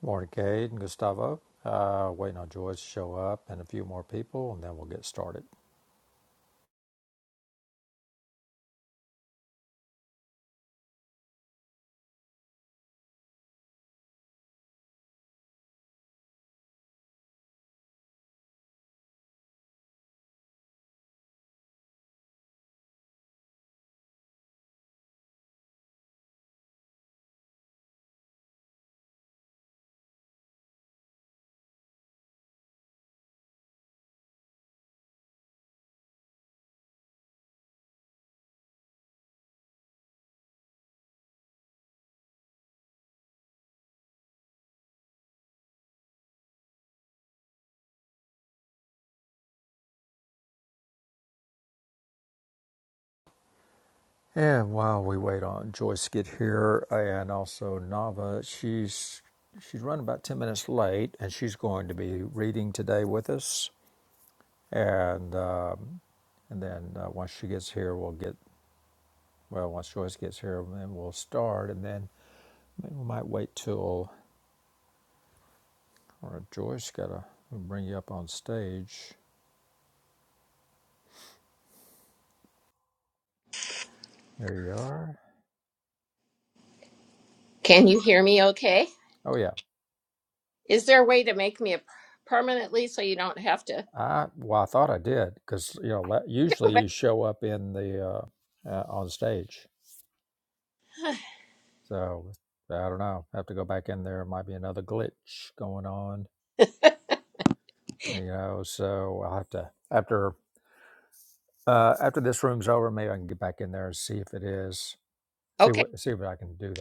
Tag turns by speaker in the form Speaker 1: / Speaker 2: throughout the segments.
Speaker 1: Morning, Cade and Gustavo. Uh, waiting on Joyce to show up and a few more people, and then we'll get started. And while we wait on Joyce to get here, and also Nava, she's she's running about ten minutes late, and she's going to be reading today with us. And um, and then uh, once she gets here, we'll get well. Once Joyce gets here, then we'll start, and then maybe we might wait till or Joyce gotta bring you up on stage. There you are.
Speaker 2: Can you hear me okay?
Speaker 1: Oh yeah.
Speaker 2: Is there a way to make me a permanently so you don't have to?
Speaker 1: I well, I thought I did because you know la- usually you show up in the uh, uh, on stage. So I don't know. I have to go back in there. Might be another glitch going on. You know, so I'll have to after uh, after this room's over, maybe I can get back in there and see if it is. See
Speaker 2: Okay,
Speaker 1: what see if I can do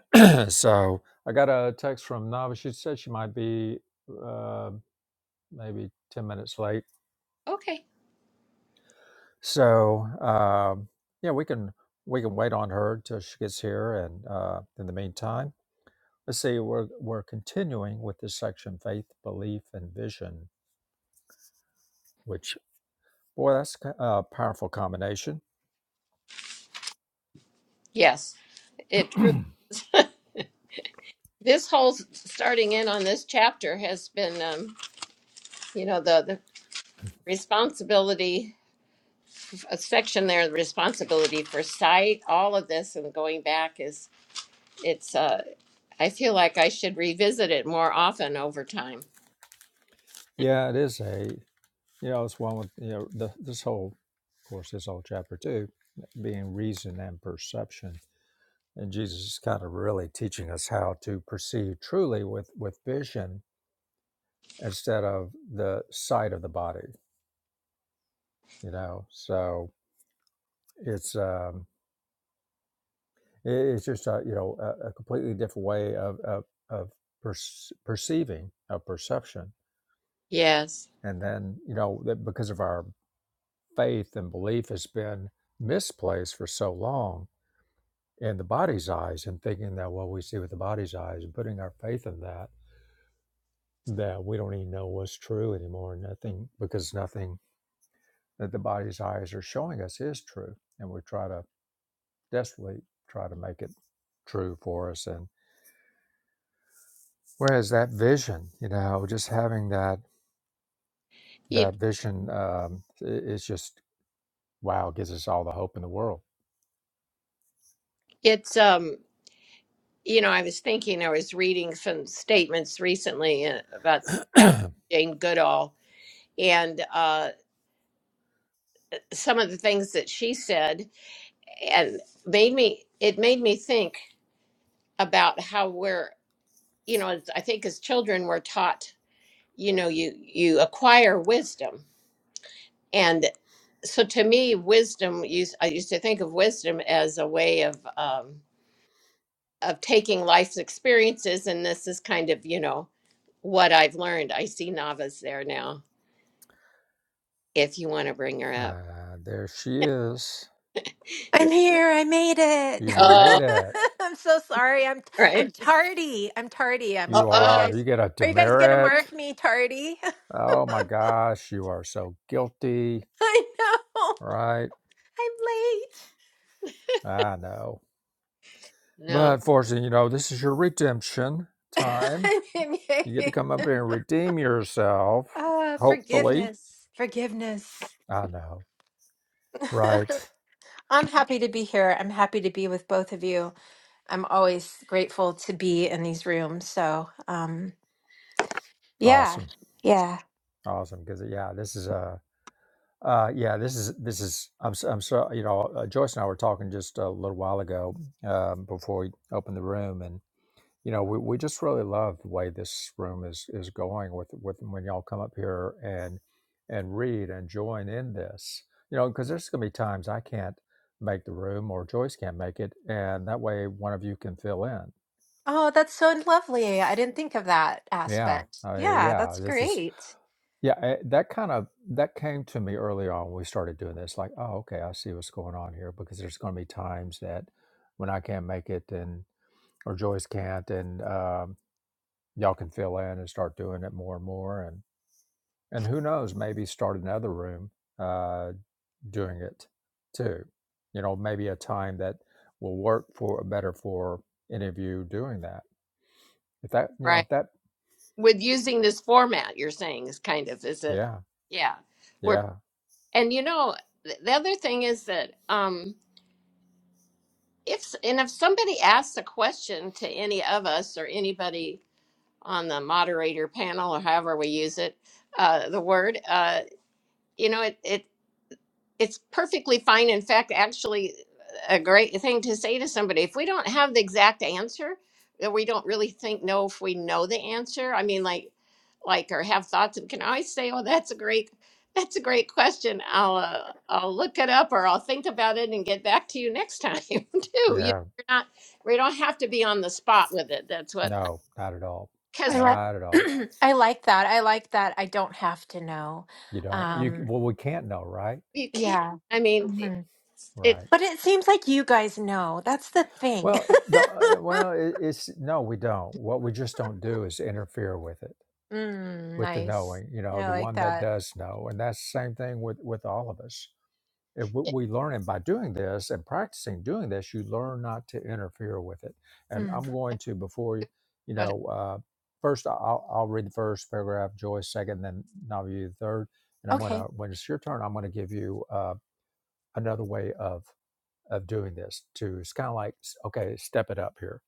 Speaker 1: that. so I got a text from Nava. She said she might be uh, maybe ten minutes late
Speaker 2: okay.
Speaker 1: So um, yeah, we can we can wait on her till she gets here, and uh, in the meantime, let's see. We're we're continuing with this section: faith, belief, and vision. Which boy, that's ki- a powerful combination.
Speaker 2: Yes, it truly. This whole s- starting in on this chapter has been, um, you know, the, the responsibility, a section there, the responsibility for sight, all of this and going back is, it's, uh, I feel like I should revisit it more often over time.
Speaker 1: Yeah, it is a you know it's one with you know the, this whole of course this whole chapter too being reason and perception. And Jesus is kind of really teaching us how to perceive truly with with vision instead of the sight of the body. You know, so It's um, it, it's just a you know a, a completely different way of of, of perce- perceiving of perception,
Speaker 2: Yes.
Speaker 1: and then you know that because of our faith and belief has been misplaced for so long in the body's eyes, and thinking that what we see with the body's eyes, and putting our faith in that that we don't even know what's true anymore. Nothing because nothing that the body's eyes are showing us is true, and we try to desperately try to make it true for us and Whereas that vision, you know, just having that
Speaker 2: It,
Speaker 1: that vision, um, i- it's just wow, gives us all the hope in the world.
Speaker 2: it's, um, You know, I was thinking, I was reading some statements recently uh, about Catherine
Speaker 1: uh,
Speaker 2: Jane Goodall and uh, some of the things that she said, and made me, it made me think about how we're, you know, as- I think as children, we're taught, you know, you, you acquire wisdom. And so to me, wisdom, used, I used to think of wisdom as a way of, Um, of taking life's experiences and this is kind of you know what i've learned i see nava's there now if you want to bring her up
Speaker 1: there she is.
Speaker 3: I'm here. I made it.
Speaker 1: You made
Speaker 2: Oh,
Speaker 1: it.
Speaker 3: I'm so sorry. I'm I'm
Speaker 2: right
Speaker 3: tardy. I'm tardy. I'm
Speaker 2: oh,
Speaker 1: You
Speaker 3: are you
Speaker 2: oh.
Speaker 1: are. You
Speaker 3: guys
Speaker 1: get a
Speaker 3: are you guys gonna
Speaker 1: demerit.
Speaker 3: mark me tardy?
Speaker 1: Oh my gosh, you are so guilty,
Speaker 3: I know.
Speaker 1: right? I know.
Speaker 2: no
Speaker 1: But fortunately, you know, this is your redemption time.
Speaker 3: I'm
Speaker 1: You get to
Speaker 3: late.
Speaker 1: come up here and redeem yourself,
Speaker 3: Ah,
Speaker 1: hopefully.
Speaker 3: forgiveness. Forgiveness.
Speaker 1: I know. Right.
Speaker 3: I'm happy to be here. I'm happy to be with both of you. I'm always grateful to be in these rooms. So um yeah,
Speaker 1: Awesome.
Speaker 3: yeah.
Speaker 1: Awesome, because yeah, this is a uh, uh, yeah, this is this is I'm so- I'm so you know uh, Joyce and I were talking just a little while ago um, before we opened the room, and you know we, we just really love the way this room is is going with with when y'all come up here and and read and join in this, you know, because there's going to be times I can't make the room or Joyce can't make it, and that way one of you can fill in.
Speaker 3: Oh, that's so lovely. I didn't think of that
Speaker 1: Yeah,
Speaker 3: aspect.
Speaker 1: uh,
Speaker 3: Yeah,
Speaker 1: yeah,
Speaker 3: that's
Speaker 1: this is
Speaker 3: great.
Speaker 1: Yeah, I- that kind of that came to me early on when we started doing this. Like, oh, okay, I see what's going on here because there's going to be times that when I can't make it, and or Joyce can't, and um, y'all can fill in and start doing it more and more, and and who knows, maybe start another room uh, doing it too. You know, maybe a time that will work for better for any of you doing that. If that, you know,
Speaker 2: right
Speaker 1: if that,
Speaker 2: with using this format you're saying is kind of is it
Speaker 1: yeah,
Speaker 2: yeah we're.
Speaker 1: yeah,
Speaker 2: and you know th- the other thing is that um if s- and if somebody asks a question to any of us or anybody on the moderator panel or however we use it uh the word uh you know it it, it's perfectly fine. In fact, actually, a great thing to say to somebody if we don't have the exact answer, that we don't really think know if we know the answer. I mean, like, like or have thoughts. We can always say, "Oh, that's a great, that's a great question. I'll uh, I'll look it up or I'll think about it and get back to you next time too." You know,
Speaker 1: yeah,
Speaker 2: we're not we don't have to be on the spot with it. That's what
Speaker 1: no, not at all,
Speaker 3: I
Speaker 2: because
Speaker 3: like
Speaker 1: not at all.
Speaker 3: I like that. I like that I don't have to know.
Speaker 1: You don't. You
Speaker 3: Um,
Speaker 1: well, we can't know, right?
Speaker 2: you can't.
Speaker 3: yeah.
Speaker 2: I mean, it.
Speaker 3: Mhm.
Speaker 2: it,
Speaker 1: Right.
Speaker 3: But it seems like you guys know. That's the thing.
Speaker 1: Well, the uh, well, it, it's no, we don't. What we just don't do is interfere with it,
Speaker 3: Mm,
Speaker 1: with the
Speaker 3: nice.
Speaker 1: knowing. You know,
Speaker 3: I
Speaker 1: the
Speaker 3: like
Speaker 1: one that
Speaker 3: that.
Speaker 1: does know, and that's the same thing with with all of us. If
Speaker 2: it
Speaker 1: we we learn, and by doing this and practicing doing this, you learn not to interfere with it. And
Speaker 3: Mm,
Speaker 1: I'm going to before you, you
Speaker 2: but-
Speaker 1: know, uh, first I- I'll, I'll read the first paragraph, Joyce second, then Navi the third, and I'm gonna
Speaker 3: okay.
Speaker 1: when it's your turn, I'm gonna give you uh, another way of of doing this to it's kind of like okay step it up here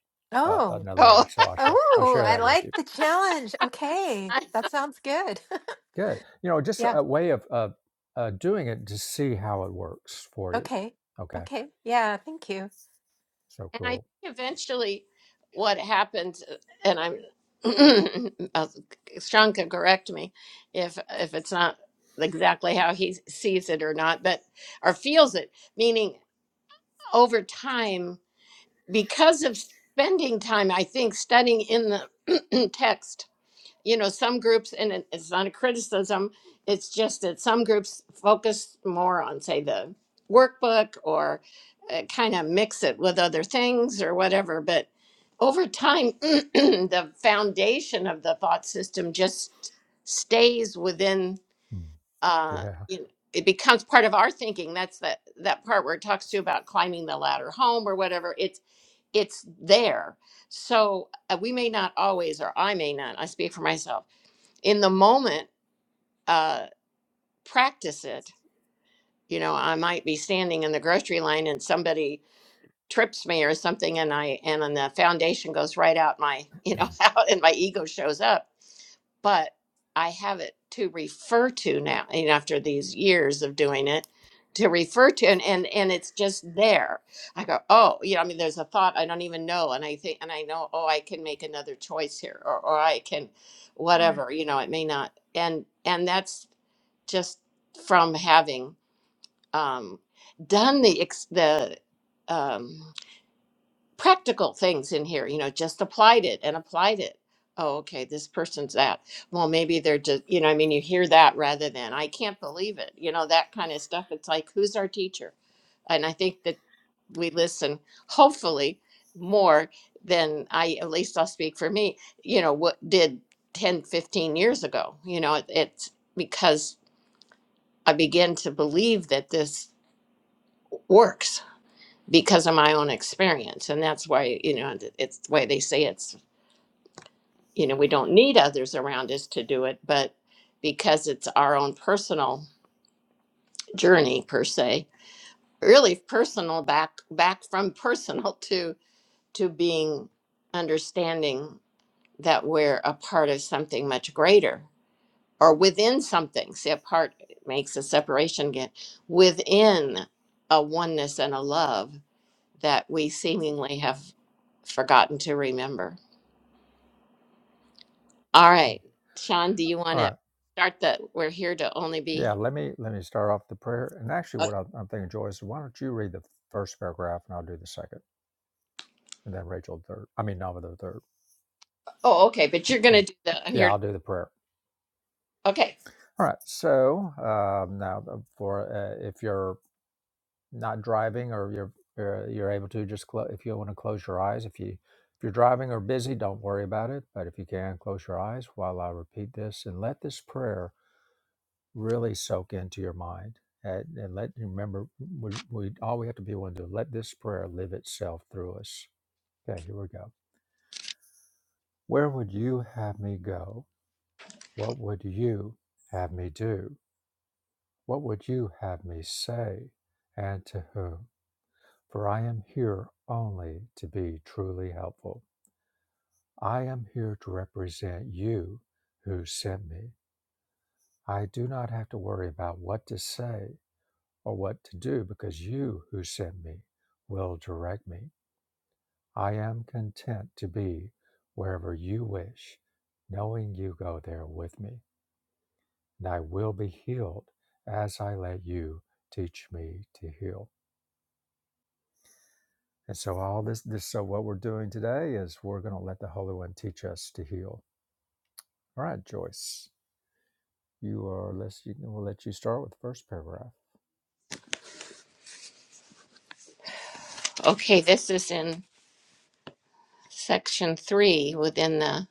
Speaker 1: uh,
Speaker 3: Oh.
Speaker 1: another
Speaker 2: oh.
Speaker 1: level so i'll show i'll
Speaker 3: Oh,
Speaker 1: share
Speaker 3: I
Speaker 1: that with you
Speaker 3: like the challenge. Okay. That sounds good.
Speaker 1: good you know just
Speaker 3: Yeah.
Speaker 1: a way of, of uh, doing it to see how it works for you
Speaker 3: Okay.
Speaker 1: okay
Speaker 3: Okay. Yeah, thank you.
Speaker 1: so
Speaker 2: And I
Speaker 1: cool
Speaker 2: think eventually what happened, and I'm, uh, Sean can correct me if if it's not exactly how he sees it or not, but or feels it. Meaning, over time, because of spending time, I think studying in the text you know some groups and it- it's not a criticism it's just that some groups focus more on say the workbook or uh, kind of mix it with other things or whatever but over time the foundation of the thought system just stays within
Speaker 1: Mm.
Speaker 2: uh
Speaker 1: yeah
Speaker 2: you know, it becomes part of our thinking that's that that part where it talks to you about climbing the ladder home or whatever it's it's there so uh, we may not always or i may not i speak for myself in the moment uh practice it you know i might be standing in the grocery line and somebody trips me or something and I and then the foundation goes right out my you know out and my ego shows up. But I have it to refer to now and after these years of doing it to refer to and, and and it's just there. I go, oh, you know, I mean there's a thought I don't even know and I think and I know, oh I can make another choice here or, or I can
Speaker 3: Mm.
Speaker 2: whatever, you know, it may not and and that's just from having um, done the ex- the um, practical things in here you know just applied it and applied it oh okay this person's that well maybe they're just you know i mean you hear that rather than i can't believe it you know that kind of stuff it's like who's our teacher and i think that we listen hopefully more than i at least i'll speak for me you know what did 10, 15 years ago you know it, it's because i begin to believe that this works because of my own experience and that's why you know th- it's the way they say it's you know we don't need others around us to do it but because it's our own personal journey per se really personal back back from personal to to being understanding that we're a part of something much greater or within something see a part makes a separation get within a oneness and a love that we seemingly have forgotten to remember. All right, Sean, do you want
Speaker 1: all
Speaker 2: to
Speaker 1: right
Speaker 2: start the we're here to only
Speaker 1: yeah
Speaker 2: be
Speaker 1: let me let me start off the prayer and actually
Speaker 2: okay.
Speaker 1: what i'm, I'm thinking joyce why don't you read the first paragraph and i'll do the second and then rachel the third i mean nava the third
Speaker 2: Oh, okay, but you're going
Speaker 1: okay
Speaker 2: to do the I'm
Speaker 1: yeah
Speaker 2: here. to-"
Speaker 1: i'll do the prayer
Speaker 2: Okay.
Speaker 1: all right so um, now uh, for uh, if you're not driving or you're you're, you're able to just clo- if you want to close your eyes if you if you're driving or busy don't worry about it but if you can close your eyes while i repeat this and let this prayer really soak into your mind and, and let remember we, we all we have to be willing to do, let this prayer live itself through us okay here we go where would you have me go what would you have me do what would you have me say and to whom For I am here only to be truly helpful. I am here to represent you who sent me. I do not have to worry about what to say or what to do because you who sent me will direct me. I am content to be wherever you wish, knowing you go there with me. And I will be healed as I let you teach me to heal. And so all this, this so what we're doing today is we're going to let the Holy One teach us to heal All right, Joyce, you are. Let's. You, we'll let you start with the first paragraph.
Speaker 2: Okay, this is in section 3 within the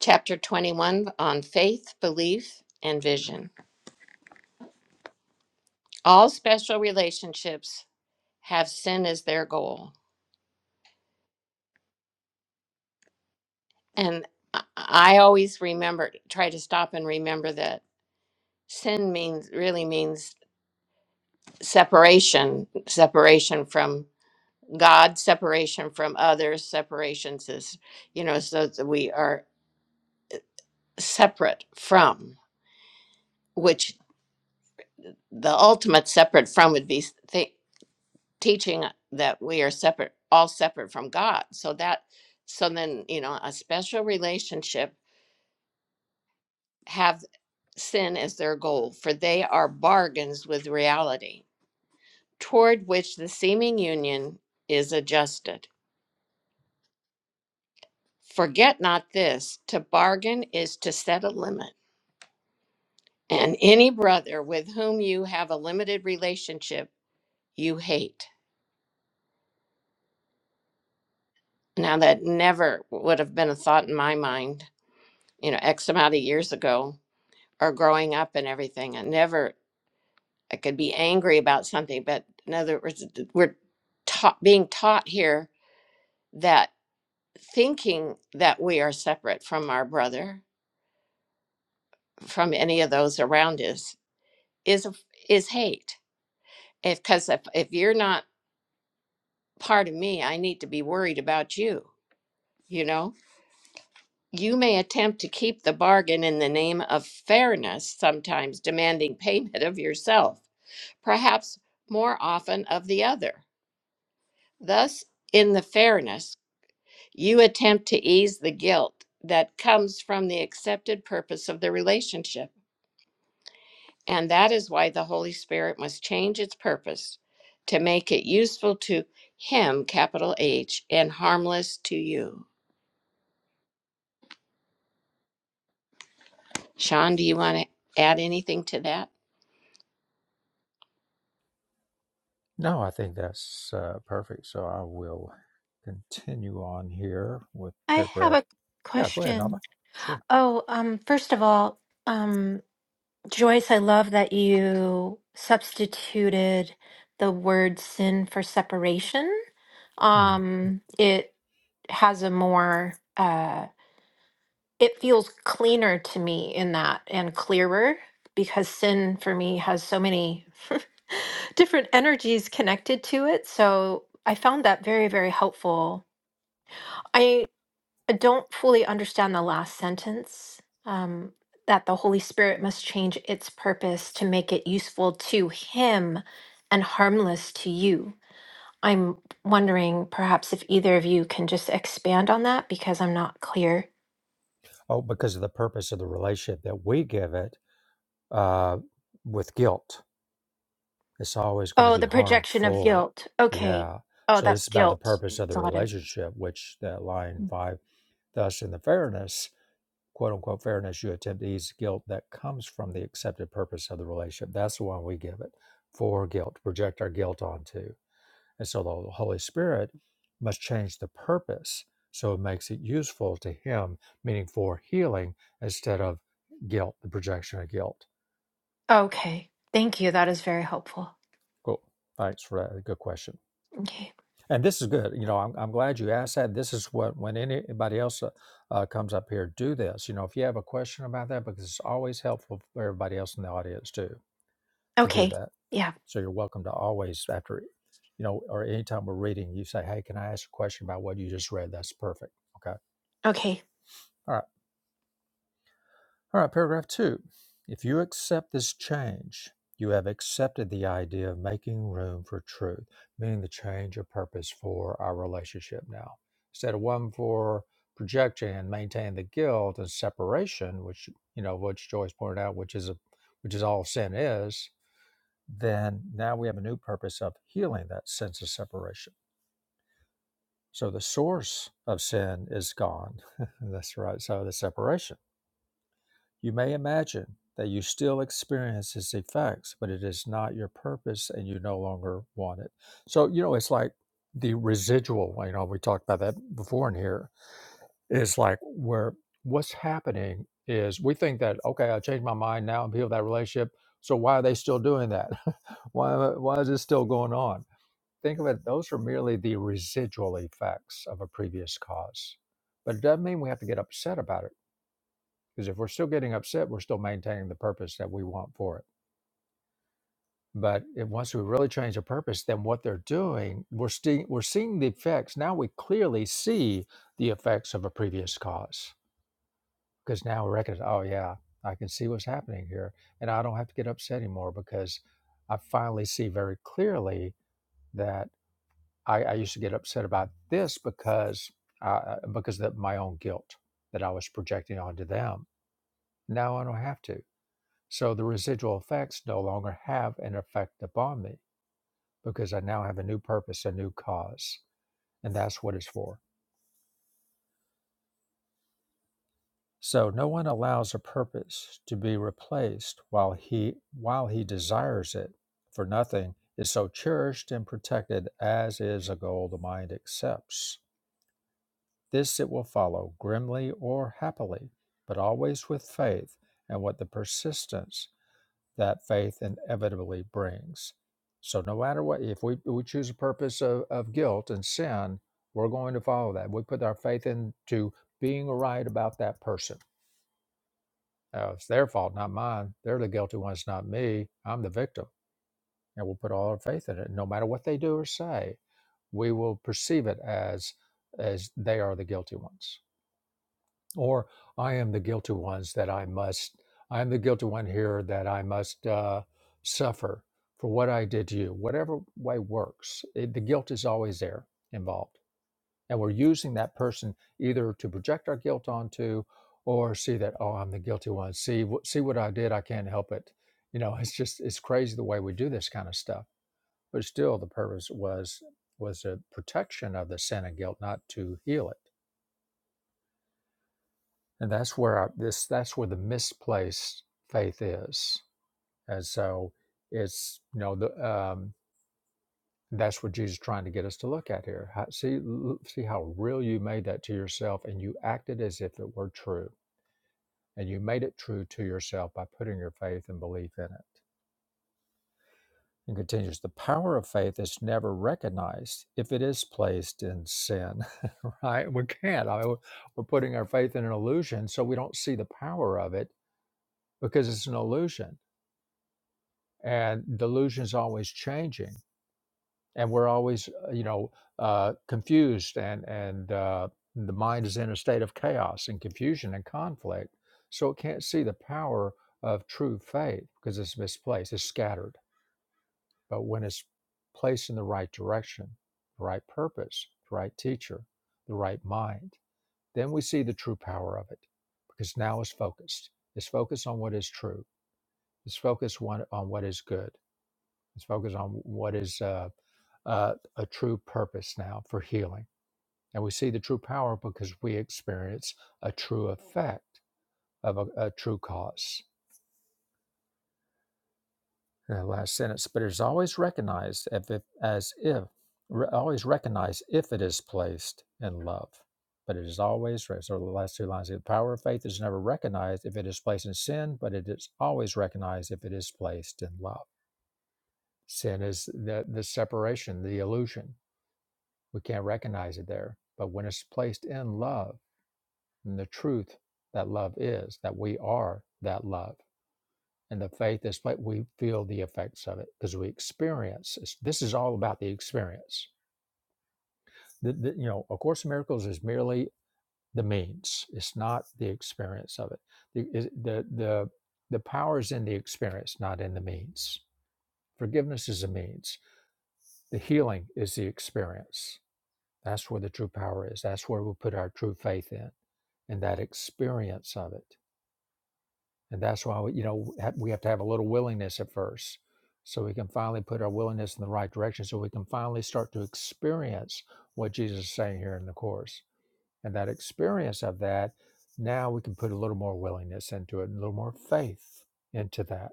Speaker 2: chapter 21 on faith, belief, and vision. All special relationships have sin as their goal. And I I always remember try to stop and remember that sin means really means separation, separation from God, separation from others, separations is, you know, so that we are separate from, which the ultimate separate from would be th- teaching that we are separate, all separate from God. So that, so then, you know, a special relationship have sin as their goal, for they are bargains with reality, toward which the seeming union is adjusted Forget not this to bargain is to set a limit, and any brother with whom you have a limited relationship, you hate. Now, that never would have been a thought in my mind, you know, X amount of years ago or growing up and everything. I never, I could be angry about something, but in other words, we're taught, being taught here that thinking that we are separate from our brother, from any of those around us, is, is hate if because if, if you're not part of me i need to be worried about you you know you may attempt to keep the bargain in the name of fairness sometimes demanding payment of yourself perhaps more often of the other thus in the fairness you attempt to ease the guilt that comes from the accepted purpose of the relationship And that is why the Holy Spirit must change its purpose to make it useful to Him, capital H, and harmless to you. Sean, do you want to add anything to that?
Speaker 1: No, I think that's uh, perfect. So I will continue on here with
Speaker 3: I have
Speaker 1: paragraph.
Speaker 3: a
Speaker 1: Yeah, go ahead,
Speaker 3: question.
Speaker 1: Nava. Sure.
Speaker 3: Oh, um, first of all, um, Joyce, I love that you substituted the word sin for separation.
Speaker 1: Hmm.
Speaker 3: Um, it has a more, uh, it feels cleaner to me in that and clearer because sin for me has so many different energies connected to it. So I found that very, very helpful. I don't fully understand the last sentence um, that the Holy Spirit must change its purpose to make it useful to Him and harmless to you. I'm wondering perhaps if either of you can just expand on that because I'm not clear.
Speaker 1: Oh, because of the purpose of the relationship that we give it uh, with guilt, it's always going to
Speaker 3: Oh,
Speaker 1: be
Speaker 3: the projection of
Speaker 1: harmful.
Speaker 3: guilt. Okay.
Speaker 1: Yeah.
Speaker 3: Oh,
Speaker 1: So this
Speaker 3: that's
Speaker 1: is about the
Speaker 3: guilt.
Speaker 1: purpose of the
Speaker 3: Got it.
Speaker 1: relationship, which that line
Speaker 3: Mm.
Speaker 1: five, thus in the fairness quote unquote fairness, you attempt to ease guilt that comes from the accepted purpose of the relationship. That's the one we give it for guilt, project our guilt onto. And so the Holy Spirit must change the purpose so it makes it useful to Him, meaning for healing instead of guilt, the projection of guilt.
Speaker 3: Okay. Thank you. That is very helpful.
Speaker 1: Cool. Thanks for that. Good question.
Speaker 3: Okay.
Speaker 1: And this is good. You know, I'm, I'm glad you asked that. This is what, when anybody else uh, uh, comes up here, do this. You know, if you have a question about that, because it's always helpful for everybody else in the audience too to do
Speaker 3: Okay.
Speaker 1: that.
Speaker 3: Yeah.
Speaker 1: So you're welcome to always, after, you know, or anytime we're reading, you say, hey, can I ask a question about what you just read? That's perfect. Okay.
Speaker 3: Okay.
Speaker 1: All right. All right. Paragraph two. If you accept this change, you have accepted the idea of making room for truth, meaning the change of purpose for our relationship now. Instead of one for projection and maintaining the guilt and separation, which, you know, which Joyce pointed out, which is a, which is all sin is, then now we have a new purpose of healing that sense of separation. So the source of sin is gone. That's right. So the separation. You may imagine that you still experience its effects, but it is not your purpose and you no longer want it. So, you know, it's like the residual, you know, we talked about that before in here, is like where what's happening is we think that, okay, I changed my mind now and healed that relationship. So why are they still doing that? why, why is this still going on? think of it, those are merely the residual effects of a previous cause. But it doesn't mean we have to get upset about it, because if we're still getting upset, we're still maintaining the purpose that we want for it. But if, once we really change the purpose, then what they're doing, we're, sti- we're seeing the effects. Now we clearly see the effects of a previous cause, because now we recognize, oh, yeah, I can see what's happening here. And I don't have to get upset anymore because I finally see very clearly that I, I used to get upset about this because uh, uh, because of my own guilt that I was projecting onto them. Now I don't have to. So the residual effects no longer have an effect upon me because I now have a new purpose, a new cause, and that's what it's for. So no one allows a purpose to be replaced while he while he desires it, for nothing is so cherished and protected as is a goal the mind accepts. This it will follow, grimly or happily, but always with faith and what the persistence that faith inevitably brings. So, no matter what, if we, we choose a purpose of, of guilt and sin, we're going to follow that. We put our faith into being right about that person. Uh, it's their fault, not mine. They're the guilty ones, not me. I'm the victim. And we'll put all our faith in it. No matter what they do or say, we will perceive it as as they are the guilty ones or I am the guilty ones that I must, I am the guilty one here that I must uh, suffer for what I did to you. Whatever way works, it, the guilt is always there involved. And we're using that person either to project our guilt onto or see that, oh, I'm the guilty one. See, wh- see what I did. I can't help it. You know, it's just, it's crazy the way we do this kind of stuff. But still, the purpose was was a protection of the sin and guilt, not to heal it. and that's where our, this that's where the misplaced faith is and so it's you know the um that's what jesus is trying to get us to look at here how, see l- see how real you made that to yourself and you acted as if it were true and you made it true to yourself by putting your faith and belief in it and continues the power of faith is never recognized if it is placed in sin right we can't I mean, we're we're putting our faith in an illusion so we don't see the power of it because it's an illusion and delusions always changing and we're always uh, you know uh, confused and and uh, the mind is in a state of chaos and confusion and conflict so it can't see the power of true faith because it's misplaced it's scattered but when it's placed in the right direction the right purpose the right teacher the right mind then we see the true power of it because now it's focused it's focused on what is true it's focused one, on what is good Let's focus on what is uh, uh, a true purpose now for healing. And we see the true power because we experience a true effect of a, a true cause. And the last sentence, but it is always recognized if it, as if, re- always recognized if it is placed in love. But it is always, so the last two lines, the power of faith is never recognized if it is placed in sin, but it is always recognized if it is placed in love. Sin is the, the separation, the illusion We can't recognize it there. But when it's placed in love, and the truth that love is, that we are that love, and the faith is like we feel the effects of it because we experience. This is all about the experience. The, the- you know, A Course in Miracles is merely the means. It's not the experience of it. The, the, the, the power is in the experience, not in the means. Forgiveness is a means. The healing is the experience. That's where the true power is. That's where we put our true faith in and that experience of it. And that's why we, you know we have to have a little willingness at first, so we can finally put our willingness in the right direction, so we can finally start to experience what Jesus is saying here in the course. And that experience of that, now we can put a little more willingness into it, and a little more faith into that.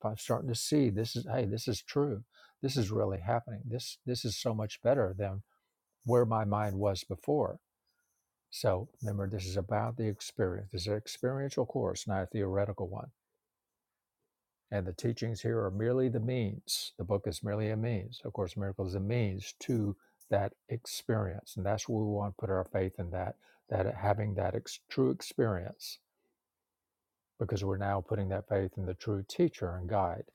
Speaker 1: If I'm starting to see this is hey, this is true. This is really happening. This this is so much better than where my mind was before so remember, this is about the experience. This is an experiential course, not a theoretical one. And the teachings here are merely the means. The book is merely a means. Of course, miracle is a means to that experience, and that's where we want to put our faith in that that uh, having that ex- true experience, because we're now putting that faith in the true teacher and guide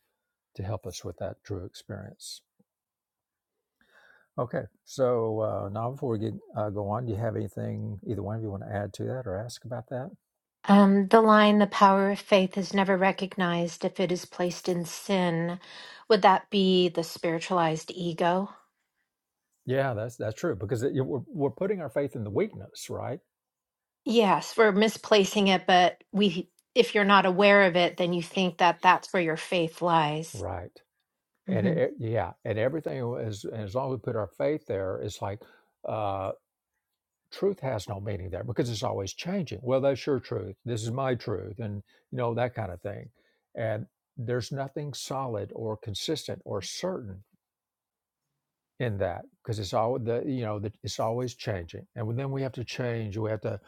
Speaker 1: to help us with that true experience. Okay, so uh, now before we get, uh, go on, do you have anything either one of you want to add to that or ask about that?
Speaker 3: Um, the line, the power of faith is never recognized if it is placed in sin. Would that be the spiritualized ego?
Speaker 1: Yeah, that's that's true because it, we're we're putting our faith in the weakness, right?
Speaker 3: Yes, we're misplacing it, but we, if you're not aware of it, then you think that that's where your faith lies.
Speaker 1: Right. And it,
Speaker 3: hmm
Speaker 1: it- yeah, and everything is and as long as we put our faith there, it's like uh, truth has no meaning there because it's always changing. Well, that's your truth. This is my truth, and you know that kind of thing. And there's nothing solid or consistent or certain in that because it's all the you know the, it's always changing. And then we have to change. We have to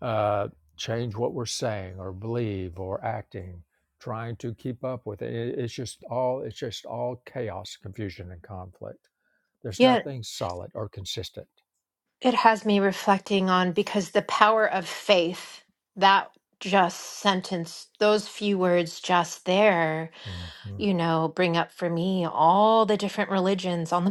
Speaker 1: uh, change what we're saying or believe or acting, trying to keep up with it. It- It's just all it's just all chaos, confusion, and conflict. There's
Speaker 3: Yeah,
Speaker 1: nothing solid or consistent.
Speaker 3: it has me reflecting on because the power of faith, that just sentence, those few words just there
Speaker 1: Mhm.
Speaker 3: you know, bring up for me all the different religions on the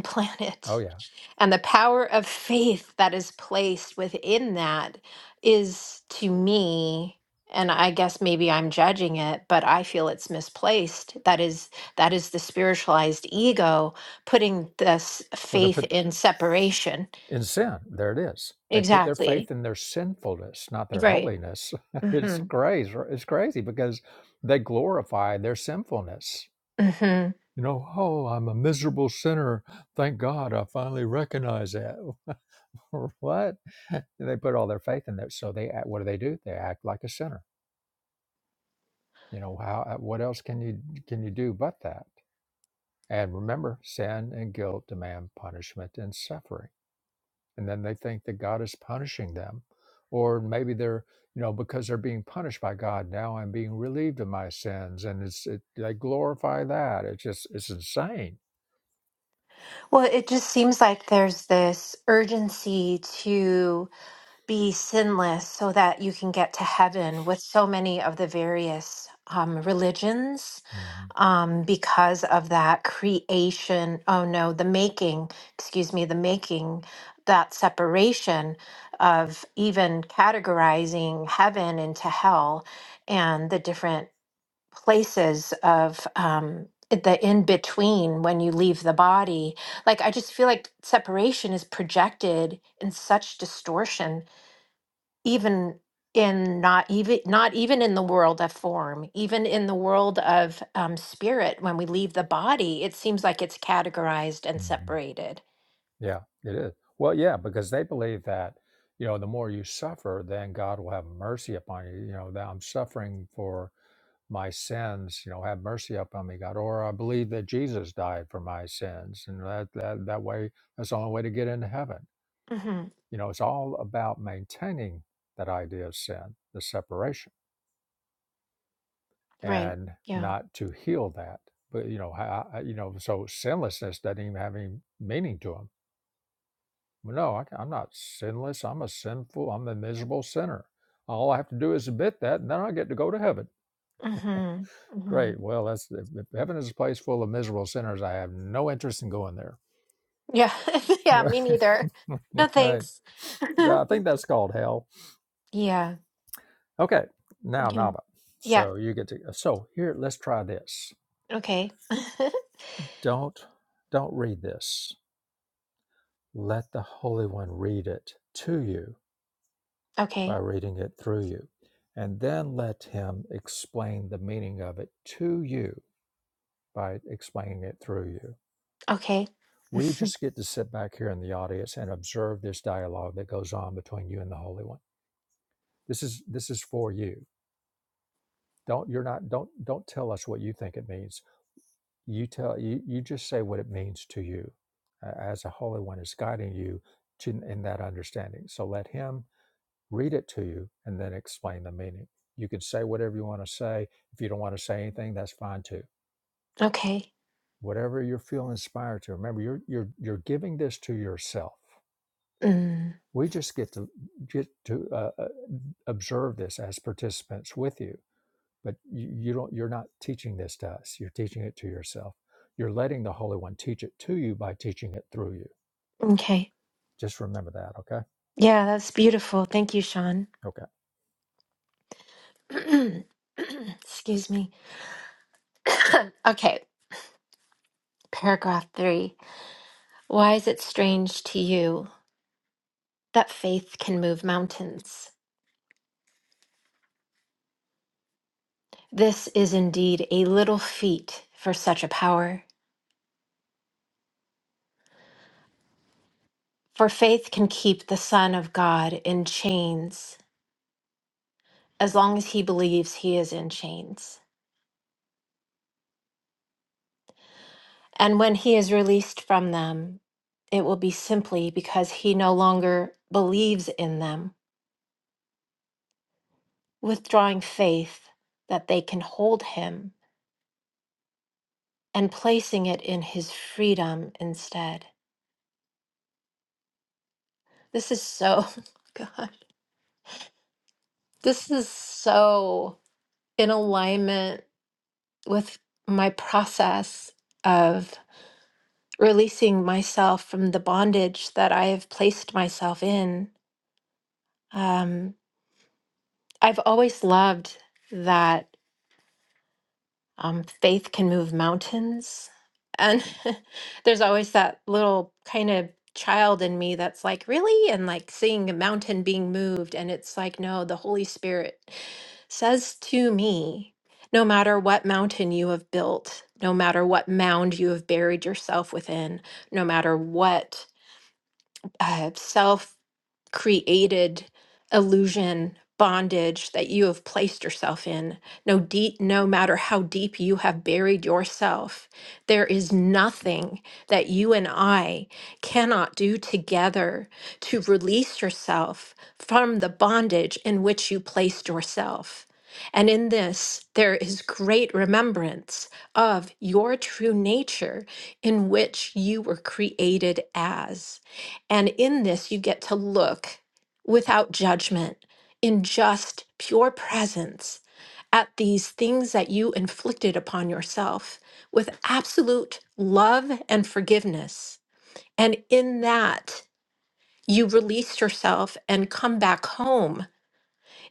Speaker 1: Oh
Speaker 3: planet.
Speaker 1: yeah.
Speaker 3: And the power of faith that is placed within that is to me, and I guess maybe I'm judging it, but I feel it's misplaced. That is that is the spiritualized ego putting this
Speaker 1: Well, they
Speaker 3: faith
Speaker 1: put
Speaker 3: in separation.
Speaker 1: in sin. There it is. They put their
Speaker 3: Exactly.
Speaker 1: faith in their sinfulness, not their
Speaker 3: Right.
Speaker 1: holiness. it's
Speaker 3: Mm-hmm.
Speaker 1: crazy. It's crazy because they glorify their sinfulness
Speaker 3: Mm-hmm.
Speaker 1: You know, oh, I'm a miserable sinner. Thank God I finally recognize that. what? And they put all their faith in that. So they act, what do they do? They act like a sinner. You know, how uh, what else can you can you do but that? And remember, sin and guilt demand punishment and suffering. And then they think that God is punishing them. Or maybe they're, you know, because they're being punished by God now, I'm being relieved of my sins. And it's it, they glorify that. It's just it's insane.
Speaker 3: Well, it just seems like there's this urgency to be sinless so that you can get to heaven with so many of the various um, religions um, because of that creation. Oh no, the making, excuse me, the making, that separation of even categorizing heaven into hell and the different places of. Um, the in between when you leave the body like i just feel like separation is projected in such distortion even in not even not even in the world of form even in the world of um, spirit when we leave the body it seems like it's categorized and
Speaker 1: Mhm.
Speaker 3: separated
Speaker 1: Yeah, it is. Well, yeah, because they believe that, you know, the more you suffer, then God will have mercy upon you. You know, that I'm suffering for my sins, you know, have mercy upon me, God. Or I believe that Jesus died for my sins. And that that that way that's the only way to get into heaven.
Speaker 3: hmm
Speaker 1: You know, it's all about maintaining that idea of sin, the separation,
Speaker 3: right
Speaker 1: and
Speaker 3: yeah
Speaker 1: not to heal that. But you know, how, you know, so sinlessness doesn't even have any meaning to him Well, no, I, am not sinless. I'm a sinful. I'm a miserable sinner. All I have to do is admit that, and then I get to go to heaven.
Speaker 3: hmm hmm
Speaker 1: Great. Well, that's if if heaven is a place full of miserable sinners. I have no interest in going there.
Speaker 3: yeah yeah
Speaker 1: Right.
Speaker 3: me neither no
Speaker 1: right.
Speaker 3: thanks
Speaker 1: I think that's called hell.
Speaker 3: yeah
Speaker 1: Okay. Now,
Speaker 3: okay.
Speaker 1: Nava.
Speaker 3: yeah
Speaker 1: So you get to. So here, let's try this.
Speaker 3: okay
Speaker 1: Don't don't read this. Let the Holy One read it to you by
Speaker 3: okay
Speaker 1: reading it through you. And then let him explain the meaning of it to you by explaining it through you.
Speaker 3: okay
Speaker 1: We just get to sit back here in the audience and observe this dialogue that goes on between you and the Holy One. This is this is for you. Don't you're not don't don't tell us what you think it means. You tell you you just say what it means to you, uh, as the Holy One is guiding you to in that understanding. So let him read it to you and then explain the meaning. You can say whatever you want to say. If you don't want to say anything, that's fine too.
Speaker 3: okay
Speaker 1: Whatever you feel inspired to. Remember, you're you're you're giving this to yourself.
Speaker 3: mm.
Speaker 1: We just get to get to uh, uh, observe this as participants with you, but you, you don't. You're not teaching this to us. You're teaching it to yourself. You're letting the Holy One teach it to you by teaching it through you.
Speaker 3: okay
Speaker 1: Just remember that, okay?
Speaker 3: yeah that's beautiful thank you sean
Speaker 1: Okay.
Speaker 3: excuse me Okay, paragraph three. Why is it strange to you that faith can move mountains? This is indeed a little feat for such a power. For faith can keep the Son of God in chains as long as he believes he is in chains. And when he is released from them, it will be simply because he no longer believes in them, withdrawing faith that they can hold him and placing it in his freedom instead. This is so, God, this is so in alignment with my process of releasing myself from the bondage that I have placed myself in. Um, I've always loved that um, faith can move mountains. And there's always that little kind of child in me that's like, really? And like seeing a mountain being moved. And it's like, no, the Holy Spirit says to me, no matter what mountain you have built, no matter what mound you have buried yourself within, no matter what uh, created illusion bondage that you have placed yourself in no deep no matter how deep you have buried yourself there is nothing that you and I cannot do together to release yourself from the bondage in which you placed yourself and in this there is great remembrance of your true nature in which you were created as and in this, you get to look without judgment, in just pure presence, at these things that you inflicted upon yourself with absolute love and forgiveness. And in that, you release yourself and come back home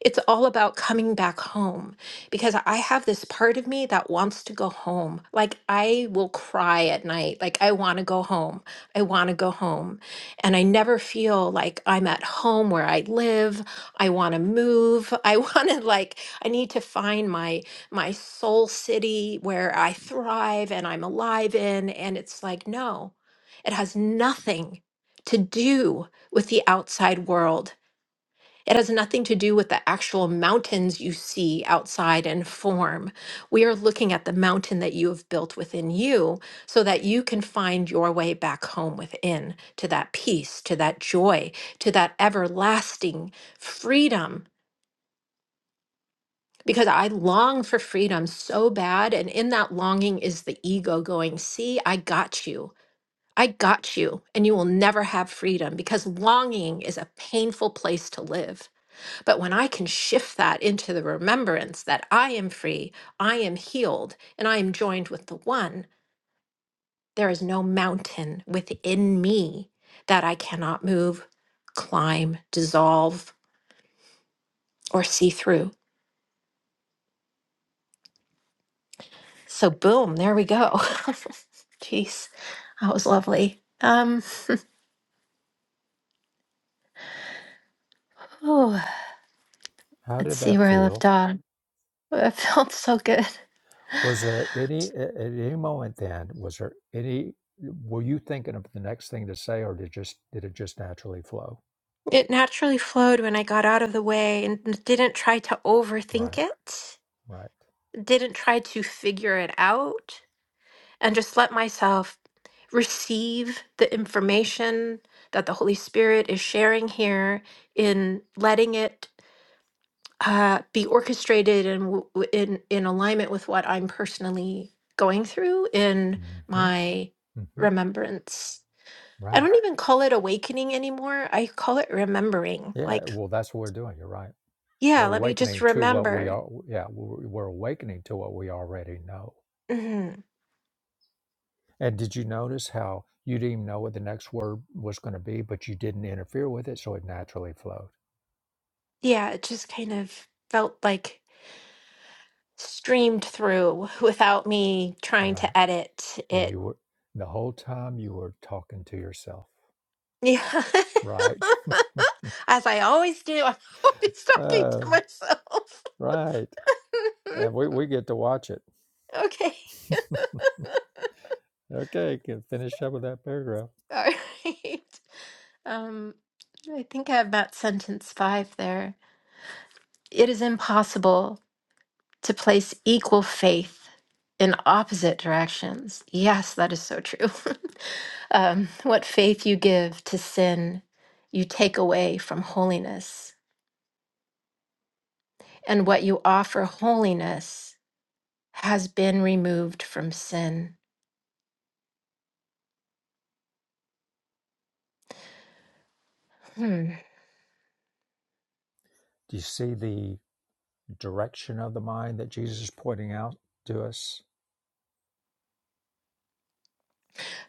Speaker 3: it's all about coming back home because I have this part of me that wants to go home. Like I will cry at night. Like I want to go home. I want to go home. And I never feel like I'm at home where I live. I want to move. I want to like I need to find my my soul city where I thrive and I'm alive in and it's like no. It has nothing to do with the outside world. It has nothing to do with the actual mountains you see outside and form. We are looking at the mountain that you have built within you so that you can find your way back home within to that peace, to that joy, to that everlasting freedom. Because I long for freedom so bad. And in that longing is the ego going, See, I got you. I got you. And you will never have freedom because longing is a painful place to live. But when I can shift that into the remembrance that I am free, I am healed, and I am joined with the one, there is no mountain within me that I cannot move, climb, dissolve, or see through. So, boom, there we go. Jeez, that was lovely. Um, oh,
Speaker 1: How
Speaker 3: let's
Speaker 1: did
Speaker 3: see
Speaker 1: that
Speaker 3: where I left
Speaker 1: feel?
Speaker 3: off. It felt so good.
Speaker 1: Was there any at any moment then? Was there any? Were you thinking of the next thing to say, or did just did it just naturally flow?
Speaker 3: It naturally flowed when I got out of the way and didn't try to overthink
Speaker 1: Right,
Speaker 3: it.
Speaker 1: right,
Speaker 3: didn't try to figure it out and just let myself receive the information that the Holy Spirit is sharing here in letting it uh, be orchestrated and w- w- in in alignment with what I'm personally going through in
Speaker 1: hmm
Speaker 3: my
Speaker 1: hmm
Speaker 3: remembrance. I
Speaker 1: right.
Speaker 3: don't even call it awakening anymore. I call it remembering.
Speaker 1: Yeah.
Speaker 3: Like,
Speaker 1: Well, that's what we're doing. You're right.
Speaker 3: yeah,
Speaker 1: We're
Speaker 3: let me just
Speaker 1: awakening to what we
Speaker 3: remember.
Speaker 1: are. Yeah, we're we're awakening to what we already know.
Speaker 3: hmm
Speaker 1: And did you notice how you didn't even know what the next word was going to be, but you didn't interfere with it, so it naturally flowed.
Speaker 3: Yeah, it just kind of felt like streamed through without me trying
Speaker 1: Right.
Speaker 3: to edit
Speaker 1: And
Speaker 3: it.
Speaker 1: you were the whole time you were talking to yourself.
Speaker 3: Yeah.
Speaker 1: Right.
Speaker 3: As I always do, I'm always talking to myself.
Speaker 1: Right. And we, we get to watch it.
Speaker 3: okay.
Speaker 1: Okay, can finish up with that paragraph.
Speaker 3: All right. Um, I think I have about sentence five there. It is impossible to place equal faith in opposite directions. Yes, that is so true. um, what faith you give to sin, you take away from holiness. and what you offer holiness has been removed from sin. Hmm.
Speaker 1: Do you see the direction of the mind that Jesus is pointing out to us?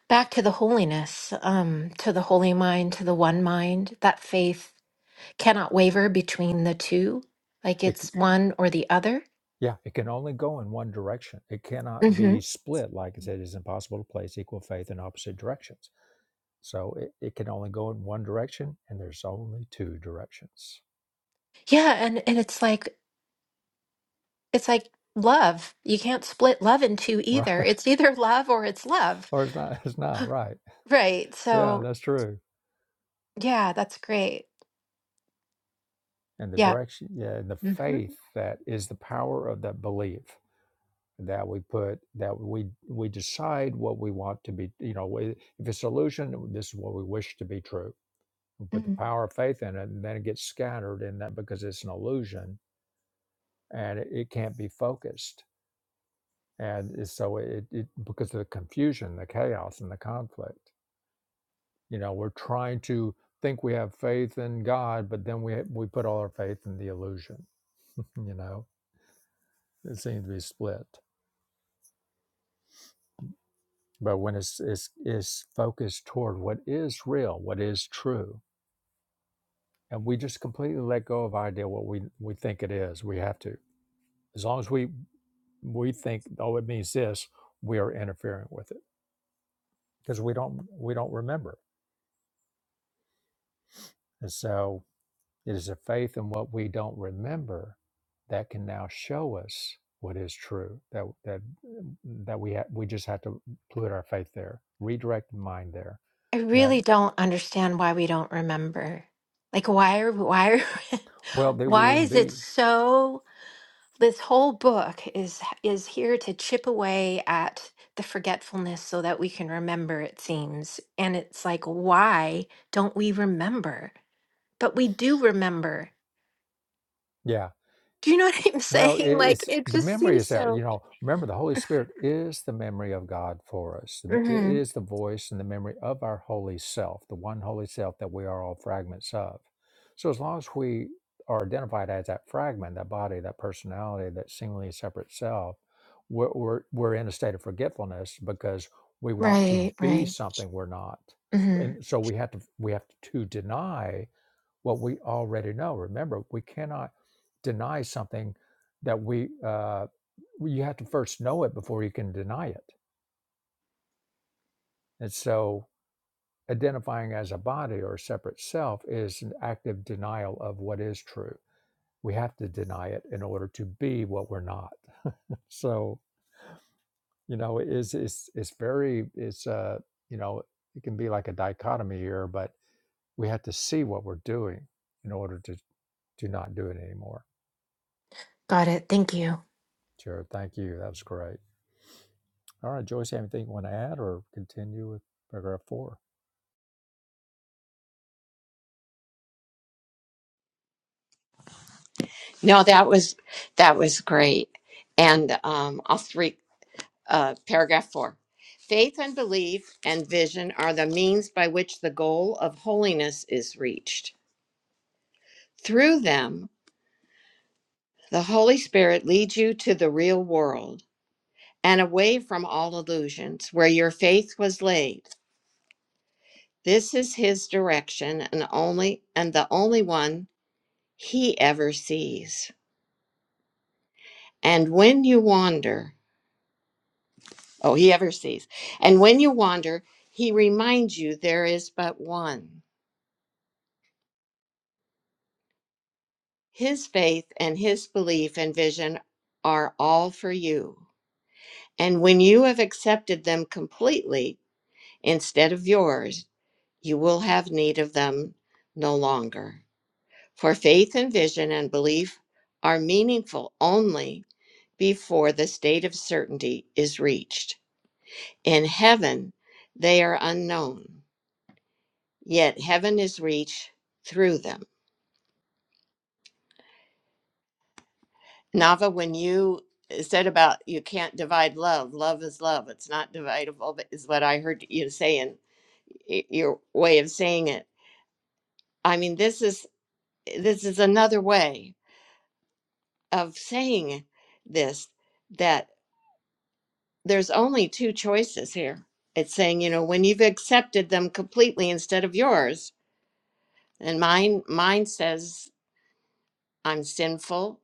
Speaker 3: Back to the holiness, um, to the holy mind, to the one mind, that faith cannot waver between the two, like
Speaker 1: It, c-
Speaker 3: it's one or the other.
Speaker 1: yeah, it can only go in one direction. It cannot
Speaker 3: hmm
Speaker 1: be split. Like I said, it's impossible to place equal faith in opposite directions. So it, it can only go in one direction, and there's only two directions.
Speaker 3: Yeah, and and it's like it's like love. You can't split love in two either.
Speaker 1: Right?
Speaker 3: It's either love or it's love,
Speaker 1: Or it's not, it's not, right?
Speaker 3: right?
Speaker 1: Yeah,
Speaker 3: So
Speaker 1: that's true.
Speaker 3: yeah, that's great.
Speaker 1: And the
Speaker 3: Yeah.
Speaker 1: direction, yeah, and the faith
Speaker 3: hmm
Speaker 1: that is the power of that belief that we put that we we decide what we want to be you know we- if it's illusion this is what we wish to be true we put the power of faith in it and then it gets scattered in that because it's an illusion and it, it can't be focused and it's- so it, it because of the confusion the chaos and the conflict you know we're trying to think we have faith in god but then we we put all our faith in the illusion you know it seems to be split But when it's, it's, it's focused toward what is real, what is true, and we just completely let go of our idea what we, we think it is, we have to. As long as we we think, oh, it means this, we are interfering with it because we don't we don't remember. And so it is a faith in what we don't remember that can now show us what is true. That that that we ha- we just have to put our faith there, redirect the mind there.
Speaker 3: I
Speaker 1: And have,
Speaker 3: really don't understand why we don't remember. Like why are why are,
Speaker 1: well, they
Speaker 3: why
Speaker 1: wouldn't
Speaker 3: is it
Speaker 1: be.
Speaker 3: so this whole book is is here to chip away at the forgetfulness so that we can remember it seems. And it's like why don't we remember? But we do remember.
Speaker 1: Yeah,
Speaker 3: Do you know what I'm
Speaker 1: Well, i-
Speaker 3: saying? Like
Speaker 1: it's
Speaker 3: it
Speaker 1: the
Speaker 3: just
Speaker 1: memory is
Speaker 3: seems
Speaker 1: there. You
Speaker 3: so
Speaker 1: know, remember the Holy Spirit is the memory of God for us. The me- It
Speaker 3: Mhm.
Speaker 1: is the voice and the memory of our holy self, the one holy self that we are all fragments of. So as long as we are identified as that fragment, that body, that personality, that seemingly separate self, we're, we're, we're in a state of forgetfulness because we want to
Speaker 3: Right,
Speaker 1: be
Speaker 3: right.
Speaker 1: something we're not.
Speaker 3: Mhm.
Speaker 1: And so we have to we have to deny what we already know. Remember, we cannot deny something that we, uh, you have to first know it before you can deny it. And so identifying as a body or a separate self is an active denial of what is true. We have to deny it in order to be what we're not. So, you know, it is it's it's very it's uh, you know, it can be like a dichotomy here, but we have to see what we're doing in order to to not do it anymore.
Speaker 3: Got it. Thank you.
Speaker 1: Sure, thank you. That was great. All right, Joyce, you have anything you want to add or continue with paragraph four?
Speaker 2: No, that was that was great. And um, I'll three uh, paragraph four. Faith and belief and vision are the means by which the goal of holiness is reached. Through them, the Holy Spirit leads you to the real world and away from all illusions where your faith was laid. This is his direction and only and the only one he ever sees. And when you wander, oh he ever sees. And when you wander, he reminds you there is but one. His faith and his belief and vision are all for you. And when you have accepted them completely instead of yours, you will have need of them no longer. For faith and vision and belief are meaningful only before the state of certainty is reached. In heaven, they are unknown, yet heaven is reached through them. Nava, when you uh, said about you can't divide love, love is love, it's not dividable, but is what I heard you say, and y- your way of saying it. I mean, this is this is another way of saying this that. there's only two choices here. It's saying, you know, when you've accepted them completely instead of yours, and mine mine says I'm sinful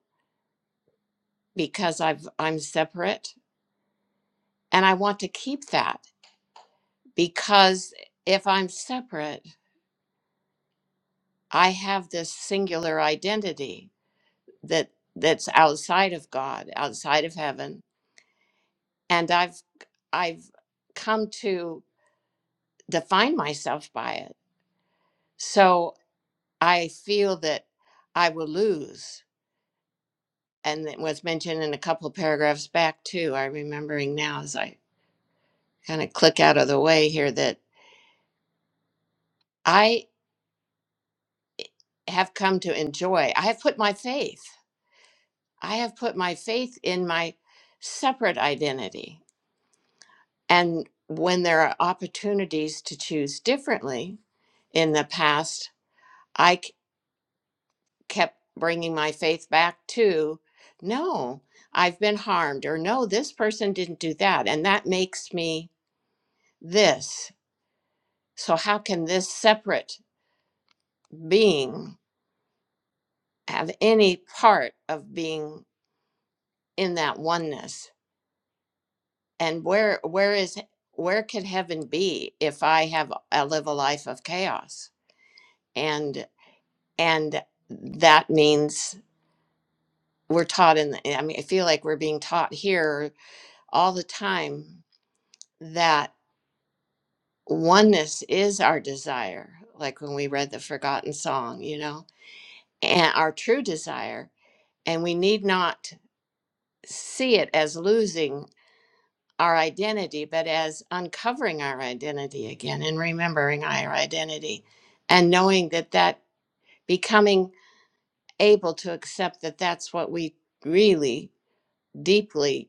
Speaker 2: because I've I'm separate, and I want to keep that because if I'm separate, I have this singular identity that that's outside of God, outside of heaven, and I've I've come to define myself by it. So I feel that I will lose. And it was mentioned in a couple of paragraphs back, too. I'm remembering now as I kind of click out of the way here that I have come to enjoy. I have put my faith, I have put my faith in my separate identity. And when there are opportunities to choose differently in the past, I c- kept bringing my faith back to no, I've been harmed, or no, this person didn't do that. And that makes me this. So, how can this separate being have any part of being in that oneness? And where, where is, where could heaven be if I have, I live a life of chaos? And, and that means we're taught in, the, I mean, I feel like we're being taught here all the time that. oneness is our desire, like when we read the forgotten song, you know, and our true desire. And we need not see it as losing our identity, but as uncovering our identity again and remembering our identity and knowing that that becoming able to accept that that's what we really deeply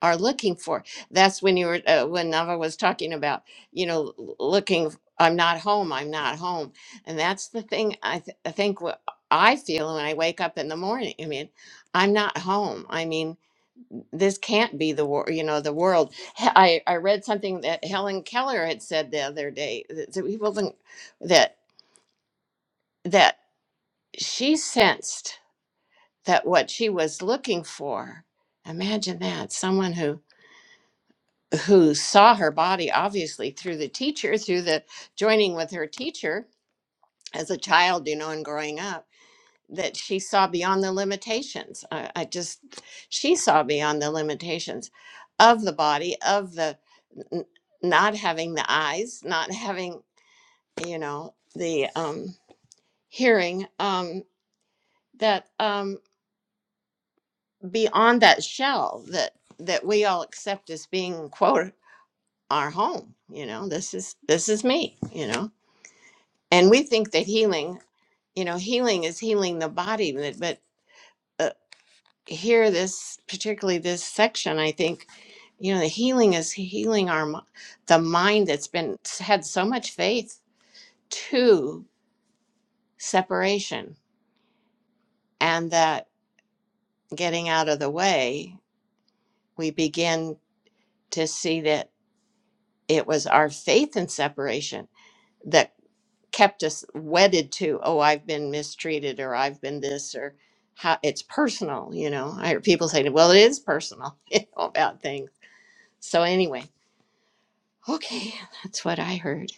Speaker 2: are looking for. That's when you were uh, when Nava was talking about, you know, l- looking. i I'm not home. I'm not home, and that's the thing. I, th- I think what I feel when I wake up in the morning. I mean, I'm not home. I mean, this can't be the war. You know, the world. He- I I read something that Helen Keller had said the other day that, that we wasn't that that she sensed that what she was looking for. Imagine that someone who who saw her body obviously through the teacher through the joining with her teacher as a child you know and growing up that she saw beyond the limitations i, I just she saw beyond the limitations of the body of the n- not having the eyes not having you know the um hearing um that um beyond that shell that that we all accept as being quote our home you know this is this is me you know and we think that healing you know healing is healing the body but but, uh, here this particularly this section i think you know the healing is healing our mi- the mind that's been had so much faith to separation and that getting out of the way we begin to see that it was our faith in separation that. kept us wedded to oh i've been mistreated or i've been this or how it's personal you know i hear people say well it is personal you know, about things so anyway okay that's what i heard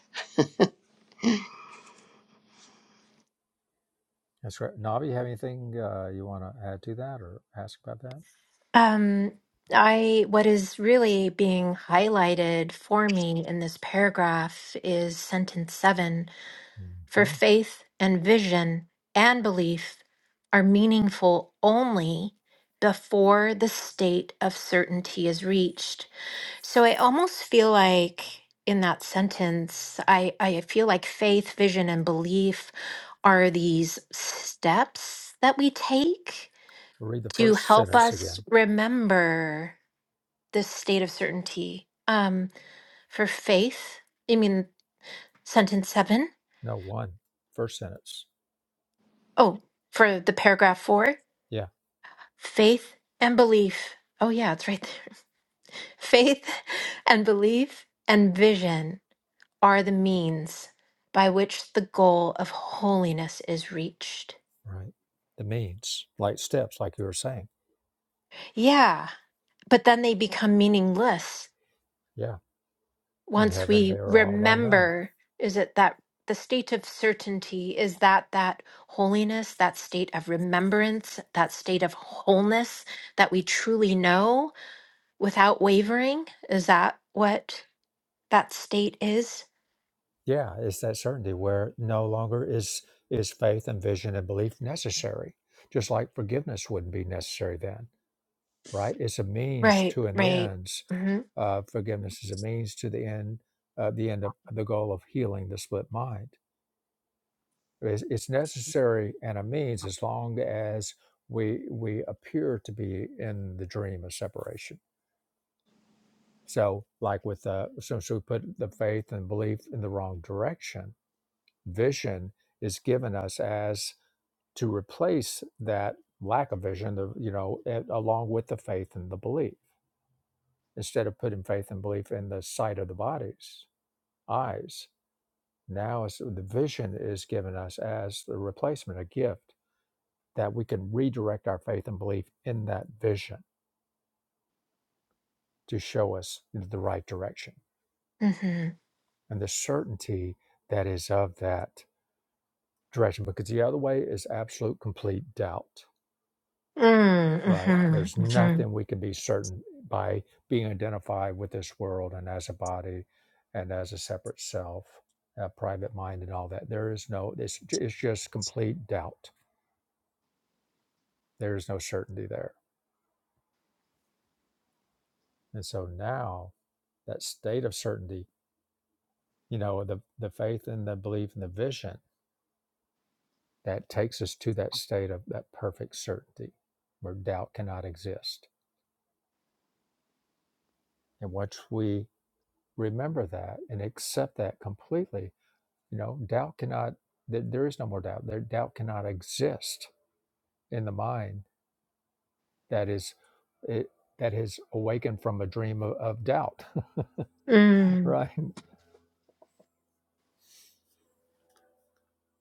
Speaker 1: That's right. Navi, you have anything uh, you want to add to that or ask about that?
Speaker 3: Um, I what is really being highlighted for me in this paragraph is sentence seven. For
Speaker 1: hmm
Speaker 3: faith and vision and belief are meaningful only before the state of certainty is reached. So I almost feel like in that sentence, I, I feel like faith, vision, and belief are these steps that we take
Speaker 1: We'll read the
Speaker 3: to
Speaker 1: first
Speaker 3: help
Speaker 1: sentence
Speaker 3: us
Speaker 1: again.
Speaker 3: remember this state of certainty um, for faith. I mean, sentence seven.
Speaker 1: No, one. First sentence.
Speaker 3: Oh, for the paragraph four
Speaker 1: Yeah,
Speaker 3: faith and belief. Oh, yeah, it's right there. Faith and belief and vision are the means by which the goal of holiness is reached.
Speaker 1: right. The means, like steps, like you were saying.
Speaker 3: Yeah, but then they become meaningless
Speaker 1: Yeah, in
Speaker 3: once
Speaker 1: heaven they
Speaker 3: we
Speaker 1: are all unknown.
Speaker 3: remember is it that the state of certainty is that that holiness that state of remembrance that state of wholeness that we truly know without wavering is that what that state is
Speaker 1: Yeah, it's that certainty where no longer is is faith and vision and belief necessary. Just like forgiveness wouldn't be necessary then right? It's a means
Speaker 3: right
Speaker 1: to an
Speaker 3: right
Speaker 1: end.
Speaker 3: mm-hmm
Speaker 1: Uh, forgiveness is a means to the end, uh, the end of the goal of healing the split mind. It's, it's necessary and a means as long as we we appear to be in the dream of separation. So, like with uh, since we put the faith and belief in the wrong direction, vision is given us as to replace that lack of vision, the, you know, a- along with the faith and the belief instead of putting faith and belief in the sight of the body's eyes. Now it's, the vision is given us as the replacement, a gift that we can redirect our faith and belief in that vision to show us the right direction
Speaker 3: mm-hmm
Speaker 1: and the certainty that is of that direction. Because the other way is absolute complete doubt.
Speaker 3: mm,
Speaker 1: Right.
Speaker 3: mm-hmm
Speaker 1: There's
Speaker 3: hmm mm
Speaker 1: nothing we can be certain by being identified with this world and as a body and as a separate self, a private mind, and all that. There is no, it's, ju- it's just complete doubt. There is no certainty there. And so now that state of certainty, you know, the, the faith and the belief and the vision that takes us to that state of that perfect certainty where doubt cannot exist. And once we remember that and accept that completely, You know, doubt cannot, th- there is no more doubt. There, doubt cannot exist in the mind that is, it, that has awakened from a dream of, of doubt,
Speaker 3: hmm mm.
Speaker 1: right?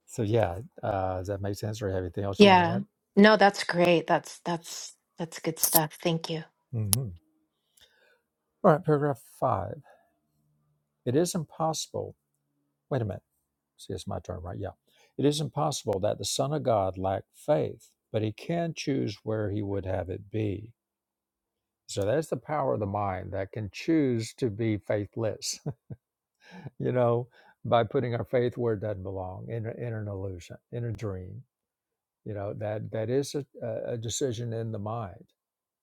Speaker 1: So, yeah, uh, does that make sense? Or have anything else you want to
Speaker 3: yeah
Speaker 1: add?
Speaker 3: no that's great that's that's that's good stuff thank you
Speaker 1: Mhm. All right, paragraph five. It is impossible. Wait a minute. See, it's my turn, right? Yeah. It is impossible that the Son of God lack faith, but he can choose where he would have it be. So that's the power of the mind that can choose to be faithless you know, by putting our faith where it doesn't belong in, a- in an illusion, in a dream. You know, that, that is a, a a decision in the mind.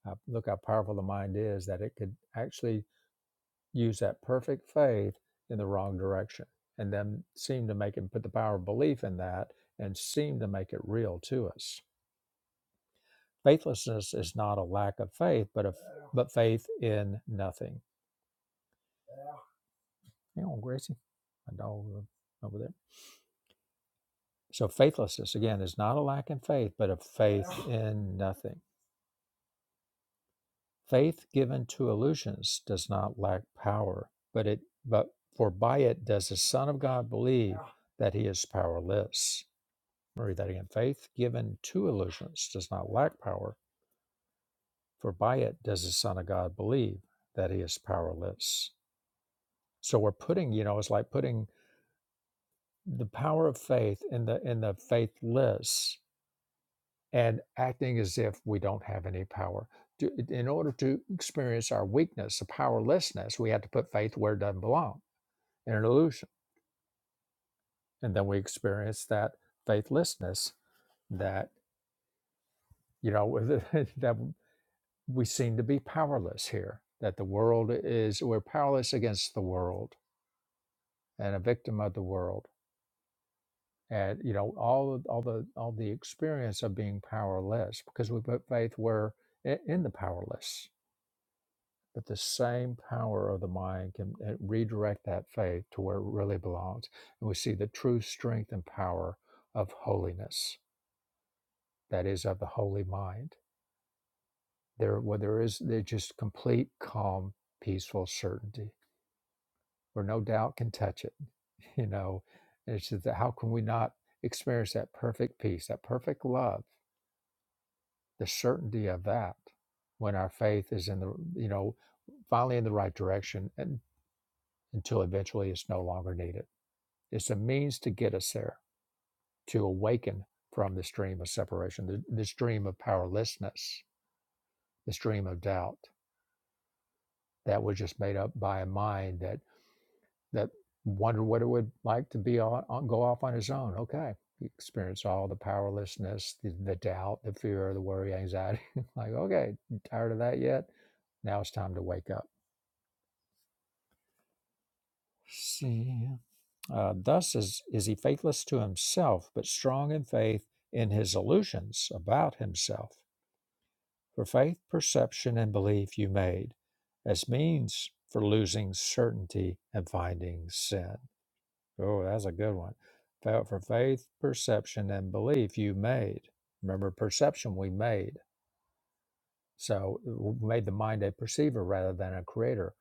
Speaker 1: Uh, Look how powerful the mind is that it could actually use that perfect faith in the wrong direction and then seem to make it put the power of belief in that and seem to make it real to us. Faithlessness is not a lack of faith, but a, but faith in nothing. You know, Gracie, my dog over there. So faithlessness, again, is not a lack in faith, but a faith in nothing. Faith given to illusions does not lack power, but it but for by it does the Son of God believe that he is powerless. Let me Read that again. Faith given to illusions does not lack power, for by it does the Son of God believe that he is powerless. So we're putting, you know, it's like putting the power of faith in the in the faithless and acting as if we don't have any power. To, in order to experience our weakness, the powerlessness, we have to put faith where it doesn't belong in an illusion. And then we experience that faithlessness that, you know, that we seem to be powerless here, that the world is, we're powerless against the world and a victim of the world. And, you know, all, of- all the, all the experience of being powerless because we put faith where, in in the powerless But the same power of the mind can uh, redirect that faith to where it really belongs. And we see the true strength and power of holiness, that is, of the holy mind. There, where there is there just complete, calm, peaceful certainty, where no doubt can touch it. You know, it's just that how can we not experience that perfect peace, that perfect love, the certainty of that when our faith is in the, you know, finally in the right direction and until eventually it's no longer needed. It's a means to get us there, to awaken from this dream of separation, th- this dream of powerlessness, this dream of doubt that was just made up by a mind that that wondered what it would like to be on, on go off on his own. Okay, you experience all the powerlessness, the, the doubt, the fear, the worry, anxiety. like, okay, you tired of that yet? Now it's time to wake up. See. Uh, thus is, is he faithless to himself, but strong in faith in his illusions about himself. For faith, perception, and belief you made as means for losing certainty and finding sin. Oh, that's a good one. Fa- For faith, perception, and belief you made. Remember, perception we made. So we made the mind a perceiver rather than a creator.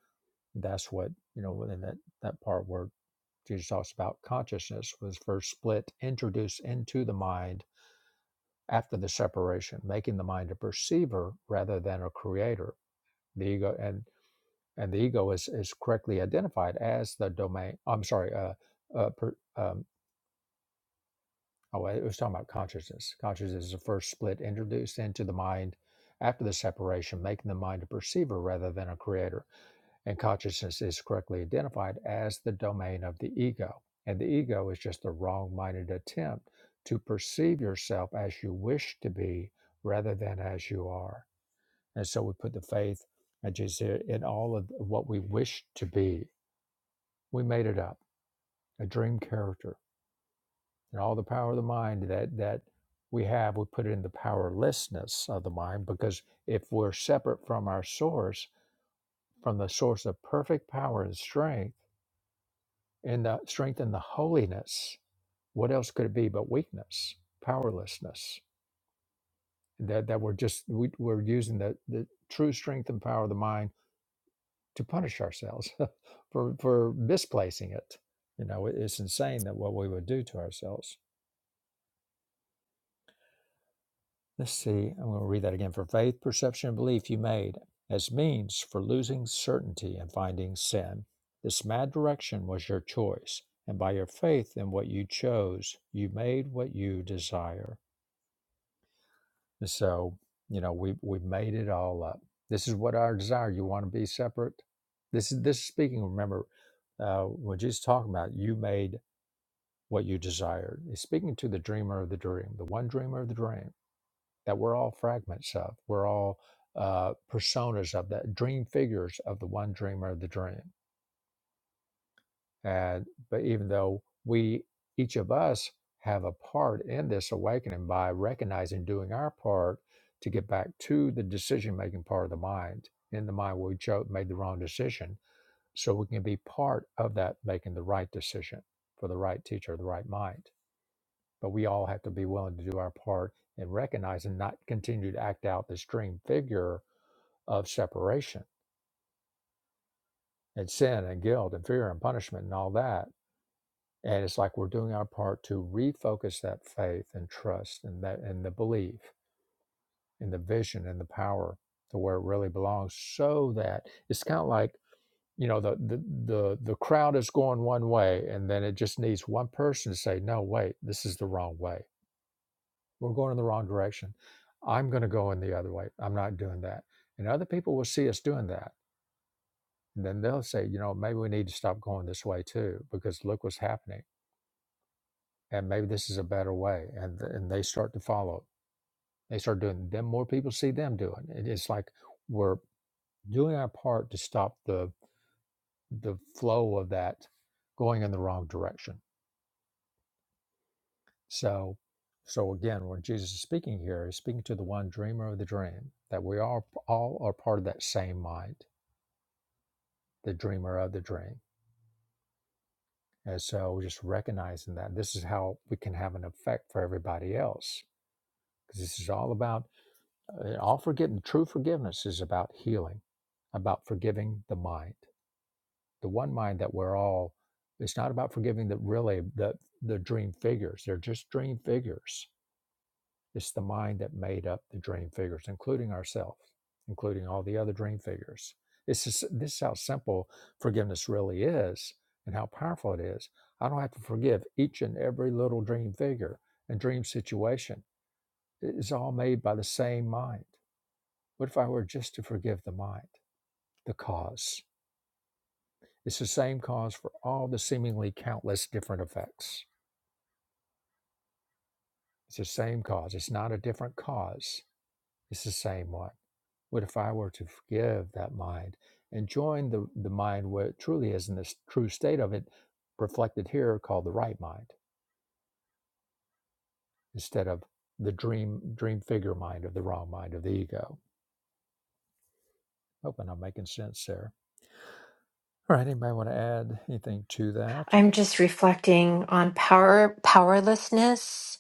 Speaker 1: That's what, you know, in that, that part where Jesus talks about consciousness was first split, introduced into the mind after the separation, making the mind a perceiver rather than a creator. The ego, and and the ego is is correctly identified as the domain. I'm sorry. Uh, uh, per, um, oh, I was talking about consciousness. Consciousness is the first split introduced into the mind after the separation, making the mind a perceiver rather than a creator. And consciousness is correctly identified as the domain of the ego, and the ego is just the wrong-minded attempt to perceive yourself as you wish to be rather than as you are. And so we put the faith, as Jesus said, in all of what we wish to be We made it up, a dream character. And all the power of the mind that that we have, we put it in the powerlessness of the mind because if we're separate from our source, from the source of perfect power and strength, and the strength and the holiness, what else could it be but weakness, powerlessness? That that we're just we, we're using the the true strength and power of the mind to punish ourselves for for misplacing it. You know, it- it's insane that what we would do to ourselves. Let's see, I'm going to read that again. For faith, perception, and belief you made as means for losing certainty and finding sin. This mad direction was your choice, and by your faith in what you chose, you made what you desire. And so, you know, we we made it all up. This is what our desire. You want to be separate. This is this is speaking. Remember, uh, what Jesus is talking about. You made what you desired. He's speaking to the dreamer of the dream, the one dreamer of the dream that we're all fragments of. We're all uh, personas of that, dream figures of the one dreamer of the dream. And but even though we, each of us, have a part in this awakening by recognizing doing our part to get back to the decision making part of the mind. In the mind where we chose made the wrong decision, so we can be part of that making the right decision for the right teacher, the right mind. But we all have to be willing to do our part and recognize and not continue to act out this dream figure of separation and sin and guilt and fear and punishment and all that. And it's like we're doing our part to refocus that faith and trust and that and the belief and the vision and the power to where it really belongs. So that it's kind of like, you know, the the the the crowd is going one way and then it just needs one person to say, no, wait, this is the wrong way. We're going in the wrong direction. I'm gonna go in the other way. I'm not doing that. And other people will see us doing that And then they'll say, you know, maybe we need to stop going this way too, because look what's happening. And maybe this is a better way. And, th- and they start to follow. They start doing, it. then more people see them doing it. It's like we're doing our part to stop the, the flow of that going in the wrong direction. So, so again, when Jesus is speaking here, he's speaking to the one dreamer of the dream, that we all all are part of that same mind, the dreamer of the dream And so just recognizing that this is how we can have an effect for everybody else. Because this is all about, uh, all forgiveness, true forgiveness is about healing, about forgiving the mind, the one mind that we're all, it's not about forgiving the really the, the dream figures. They're just dream figures it's the mind that made up the dream figures, including ourselves, including all the other dream figures. This is this is how simple forgiveness really is and how powerful it is. I don't have to forgive each and every little dream figure and dream situation. It is all made by the same mind. What if I were just to forgive the mind, the cause? It's the same cause for all the seemingly countless different effects. It's the same cause. It's not a different cause. It's the same one. What if I were to forgive that mind and join the, the mind where it truly is in this true state of it, reflected here called the right mind, instead of the dream dream figure mind of the wrong mind of the ego. Hoping I'm making sense there. All right, anybody want to add anything to that?
Speaker 3: i'm just reflecting on power powerlessness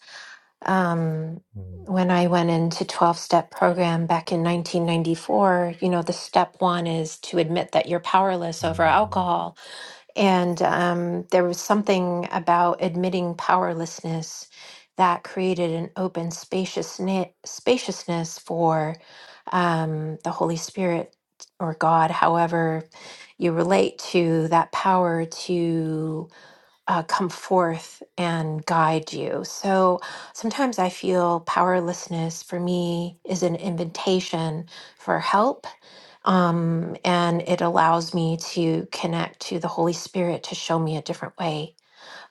Speaker 3: um, when I went into 12 step program back in 1994, you know, the step one is to admit that you're powerless over
Speaker 1: Mm-hmm.
Speaker 3: alcohol. And um, there was something about admitting powerlessness that created an open spaciousness, spaciousness for um, the Holy Spirit or God, however you relate to that power to uh, come forth and guide you. So sometimes I feel powerlessness for me is an invitation for help. Um, and it allows me to connect to the Holy Spirit to show me a different way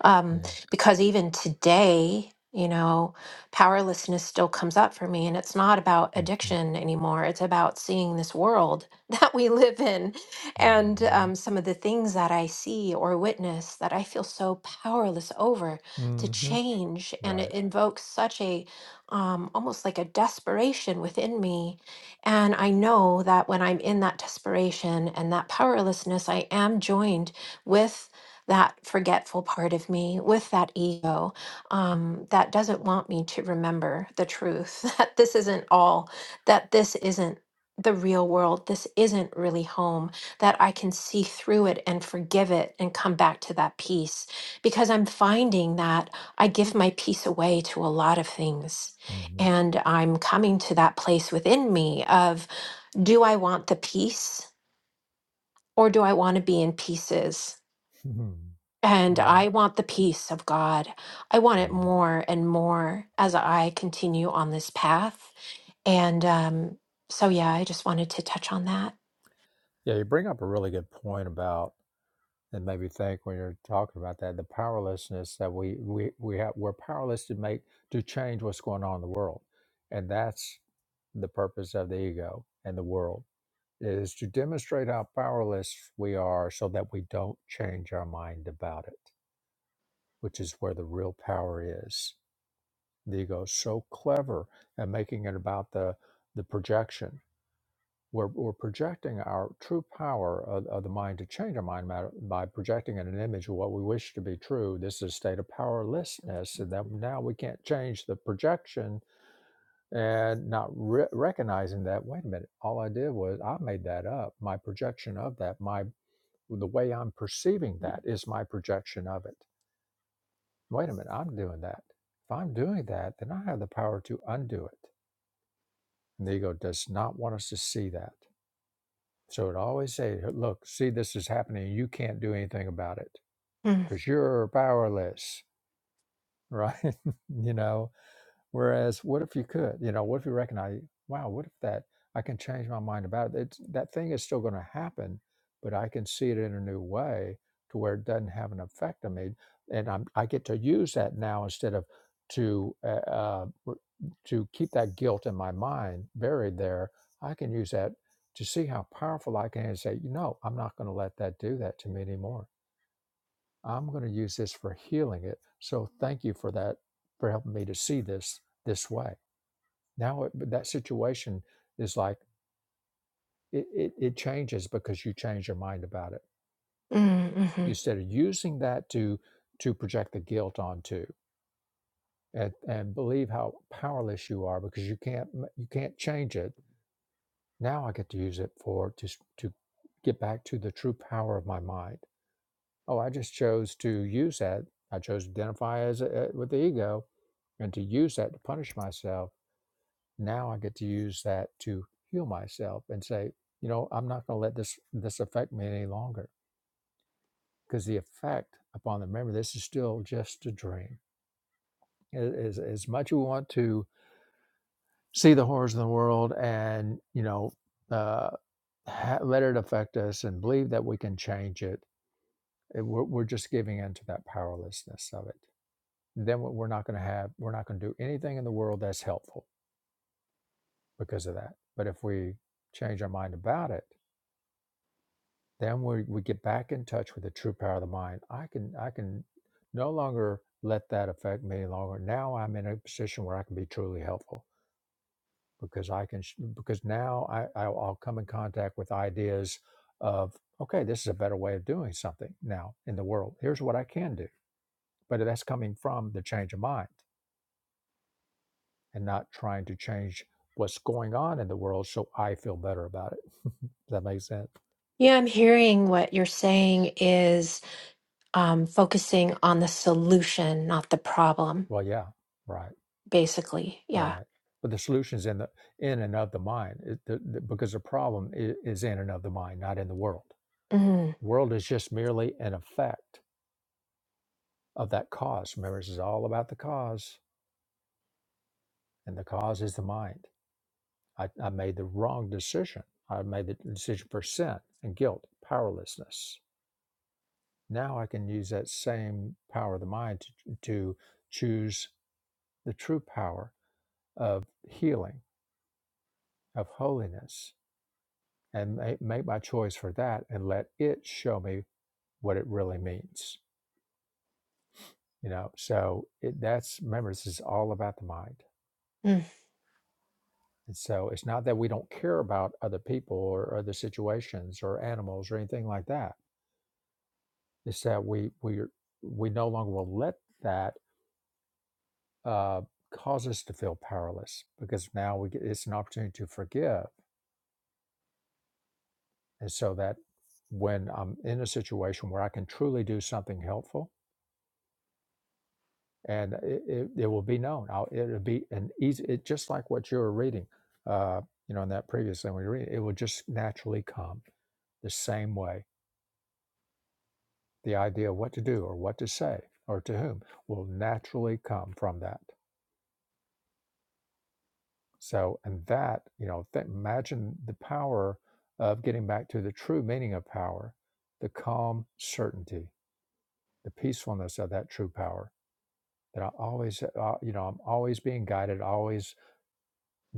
Speaker 3: um,
Speaker 1: Yeah.
Speaker 3: because even today, you know, powerlessness still comes up for me. And it's not about
Speaker 1: Mm-hmm.
Speaker 3: addiction anymore, it's about seeing this world that we live in and
Speaker 1: Mm-hmm.
Speaker 3: um, some of the things that I see or witness that I feel so powerless over to
Speaker 1: Mm-hmm.
Speaker 3: change. And
Speaker 1: Right.
Speaker 3: it invokes such a um, almost like a desperation within me. And I know that when I'm in that desperation and that powerlessness, I am joined with that forgetful part of me with that ego um, that doesn't want me to remember the truth that this isn't all, that this isn't the real world, this isn't really home, that I can see through it and forgive it and come back to that peace. Because I'm finding that I give my peace away to a lot of things.
Speaker 1: Mm-hmm.
Speaker 3: And I'm coming to that place within me of do I want the peace? Or do I want to be in pieces? And
Speaker 1: right.
Speaker 3: I want the peace of God. I want it
Speaker 1: Mhm.
Speaker 3: more and more as I continue on this path. And um, so, yeah, I just wanted to touch on that.
Speaker 1: Yeah, you bring up a really good point about And maybe think when you're talking about that, the powerlessness that we we we have, we're powerless to make to change what's going on in the world, and that's the purpose of the ego and the world is to demonstrate how powerless we are, so that we don't change our mind about it, which is where the real power is. The ego is so clever at making it about the the projection we're, we're projecting our true power of, of the mind to change our mind matter by projecting in an image of what we wish to be true. This is a state of powerlessness, and that now we can't change the projection and not re- recognizing that. Wait a minute, all I did was I made that up. My projection of that, my the way I'm perceiving that is my projection of it. Wait a minute, I'm doing that. If I'm doing that, then I have the power to undo it. And the ego does not want us to see that. So it always say, look, see, this is happening. You can't do anything about it
Speaker 3: Mm,
Speaker 1: because you're powerless, right? you know, Whereas, what if you could? You know, what if you recognize, wow, what if that I can change my mind about it? It's, that thing is still going to happen, but I can see it in a new way to where it doesn't have an effect on me, and I'm, I get to use that now instead of to uh, uh, r- to keep that guilt in my mind buried there. I can use that to see how powerful I can and say, you know, I'm not going to let that do that to me anymore. I'm going to use this for healing it. So thank you for that for helping me to see this this way now it, that situation is like it, it, it changes because you change your mind about it.
Speaker 3: mm, mhm.
Speaker 1: Instead of using that to to project the guilt onto and, and believe how powerless you are because you can't m- you can't change it. Now I get to use it for to s- to get back to the true power of my mind. Oh, I just chose to use that. I chose to identify as a, with the ego and to use that to punish myself now I get to use that to heal myself and say, you know, I'm not going to let this this affect me any longer because the effect upon the memory, this is still just a dream. As as much as we want to see the horrors of the world and you know uh, ha- let it affect us and believe that we can change it, it- we're, we're just giving into that powerlessness of it. Then we're not going to have we're not going to do anything in the world that's helpful because of that. But if we change our mind about it then we, we get back in touch with the true power of the mind i can i can no longer let that affect me longer now i'm in a position where i can be truly helpful because i can sh- because now i i'll, I'll come in contact with ideas of okay this is a better way of doing something now in the world here's what i can do but that's coming from the change of mind and not trying to change what's going on in the world so i feel better about it does that make sense
Speaker 3: Yeah, I'm hearing what you're saying is um, focusing on the solution, not the problem,
Speaker 1: well yeah right
Speaker 3: basically. Yeah.
Speaker 1: Right. But the solution's in the in and of the mind, it, the, the, because the problem is, is in and of the mind, not in the world.
Speaker 3: Mm,
Speaker 1: The world is just merely an effect of that cause. Remember, this is all about the cause, and the cause is the mind. I, I made the wrong decision. I made the decision for sin and guilt, powerlessness. Now I can use that same power of the mind to, to choose the true power of healing, of holiness, and make, my choice for that and let it show me what it really means you know so it, that's remember this is all about the mind
Speaker 3: mm.
Speaker 1: and so it's not that we don't care about other people or other situations or animals or anything like that it's that we we we no longer will let that uh, cause us to feel powerless because now we get, it's an opportunity to forgive and so that when i'm in a situation where i can truly do something helpful and it, it, it will be known. I'll, it'll be an easy, it, just like what you were reading, uh, you know, in that previous thing we read, it will just naturally come the same way. The idea of what to do or what to say or to whom will naturally come from that. So, and that, you know, th- imagine the power of getting back to the true meaning of power, the calm certainty, the peacefulness of that true power. That I always, uh, you know, I'm always being guided, always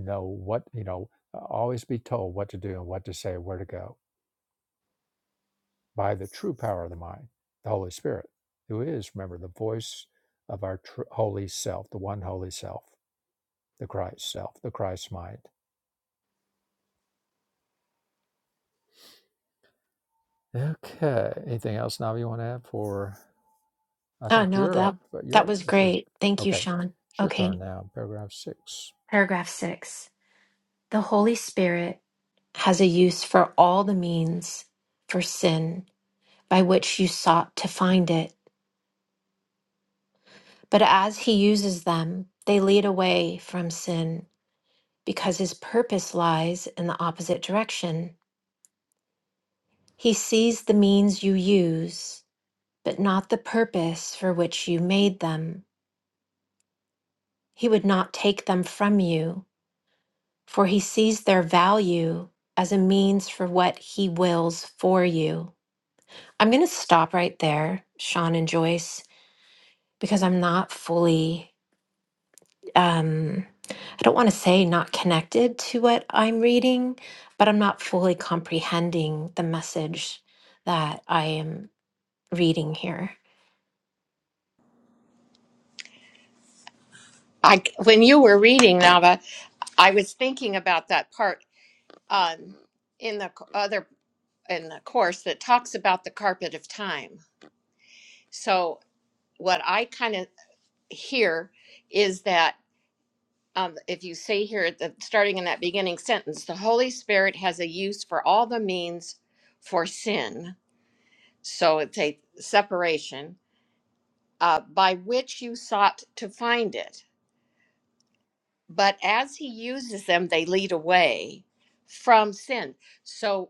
Speaker 1: know what, you know, always be told what to do and what to say, where to go by the true power of the mind, the Holy Spirit, who is, remember, the voice of our tr- holy self, the one holy self, the Christ self, the Christ mind. Okay. Anything else, Nav, you want to add for? I
Speaker 3: Oh,
Speaker 1: think
Speaker 3: no,
Speaker 1: you're up,
Speaker 3: that,
Speaker 1: but you're
Speaker 3: that
Speaker 1: up.
Speaker 3: was
Speaker 1: It's your,
Speaker 3: great. Thank you,
Speaker 1: okay.
Speaker 3: Sean.
Speaker 1: It's your
Speaker 3: Okay,
Speaker 1: turn now. Paragraph six.
Speaker 3: paragraph six. The Holy Spirit has a use for all the means for sin by which you sought to find it. But as He uses them, they lead away from sin because His purpose lies in the opposite direction. He sees the means you use, but not the purpose for which you made them. He would not take them from you, for He sees their value as a means for what He wills for you. I'm going to stop right there, Sean and Joyce, because I'm not fully, um, I don't want to say not connected to what I'm reading, but I'm not fully comprehending the message that I am reading here.
Speaker 2: i when you were reading nava i was thinking about that part um in the c- other in the course that talks about the carpet of time so what i kind of hear is that um, if you see here at the starting in that beginning sentence, the Holy Spirit has a use for all the means for sin. So it's a separation uh, by which you sought to find it. But as he uses them, they lead away from sin. So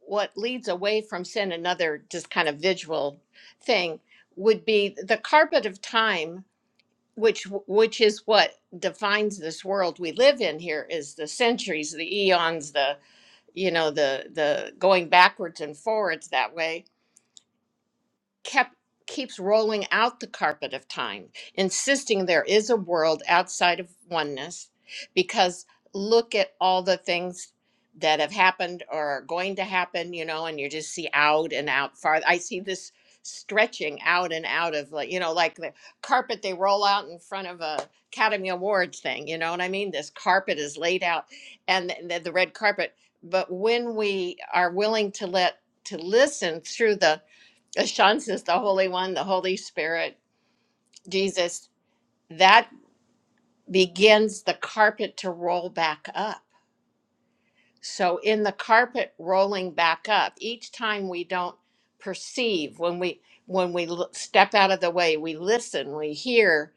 Speaker 2: what leads away from sin, another just kind of visual thing, would be the carpet of time which which is what defines this world we live in here is the centuries the eons the you know the the going backwards and forwards that way kept keeps rolling out the carpet of time, insisting there is a world outside of oneness because look at all the things that have happened or are going to happen, you know, and you just see out and out far. I see this stretching out and out of like, you know, like the carpet they roll out in front of a Academy Awards thing, you know what I mean? This carpet is laid out and the, the red carpet. But when we are willing to let to listen through the as Sean says, the Holy One, the Holy Spirit, Jesus, that begins the carpet to roll back up. So, in the carpet rolling back up, each time we don't perceive, when we when we l- step out of the way, we listen, we hear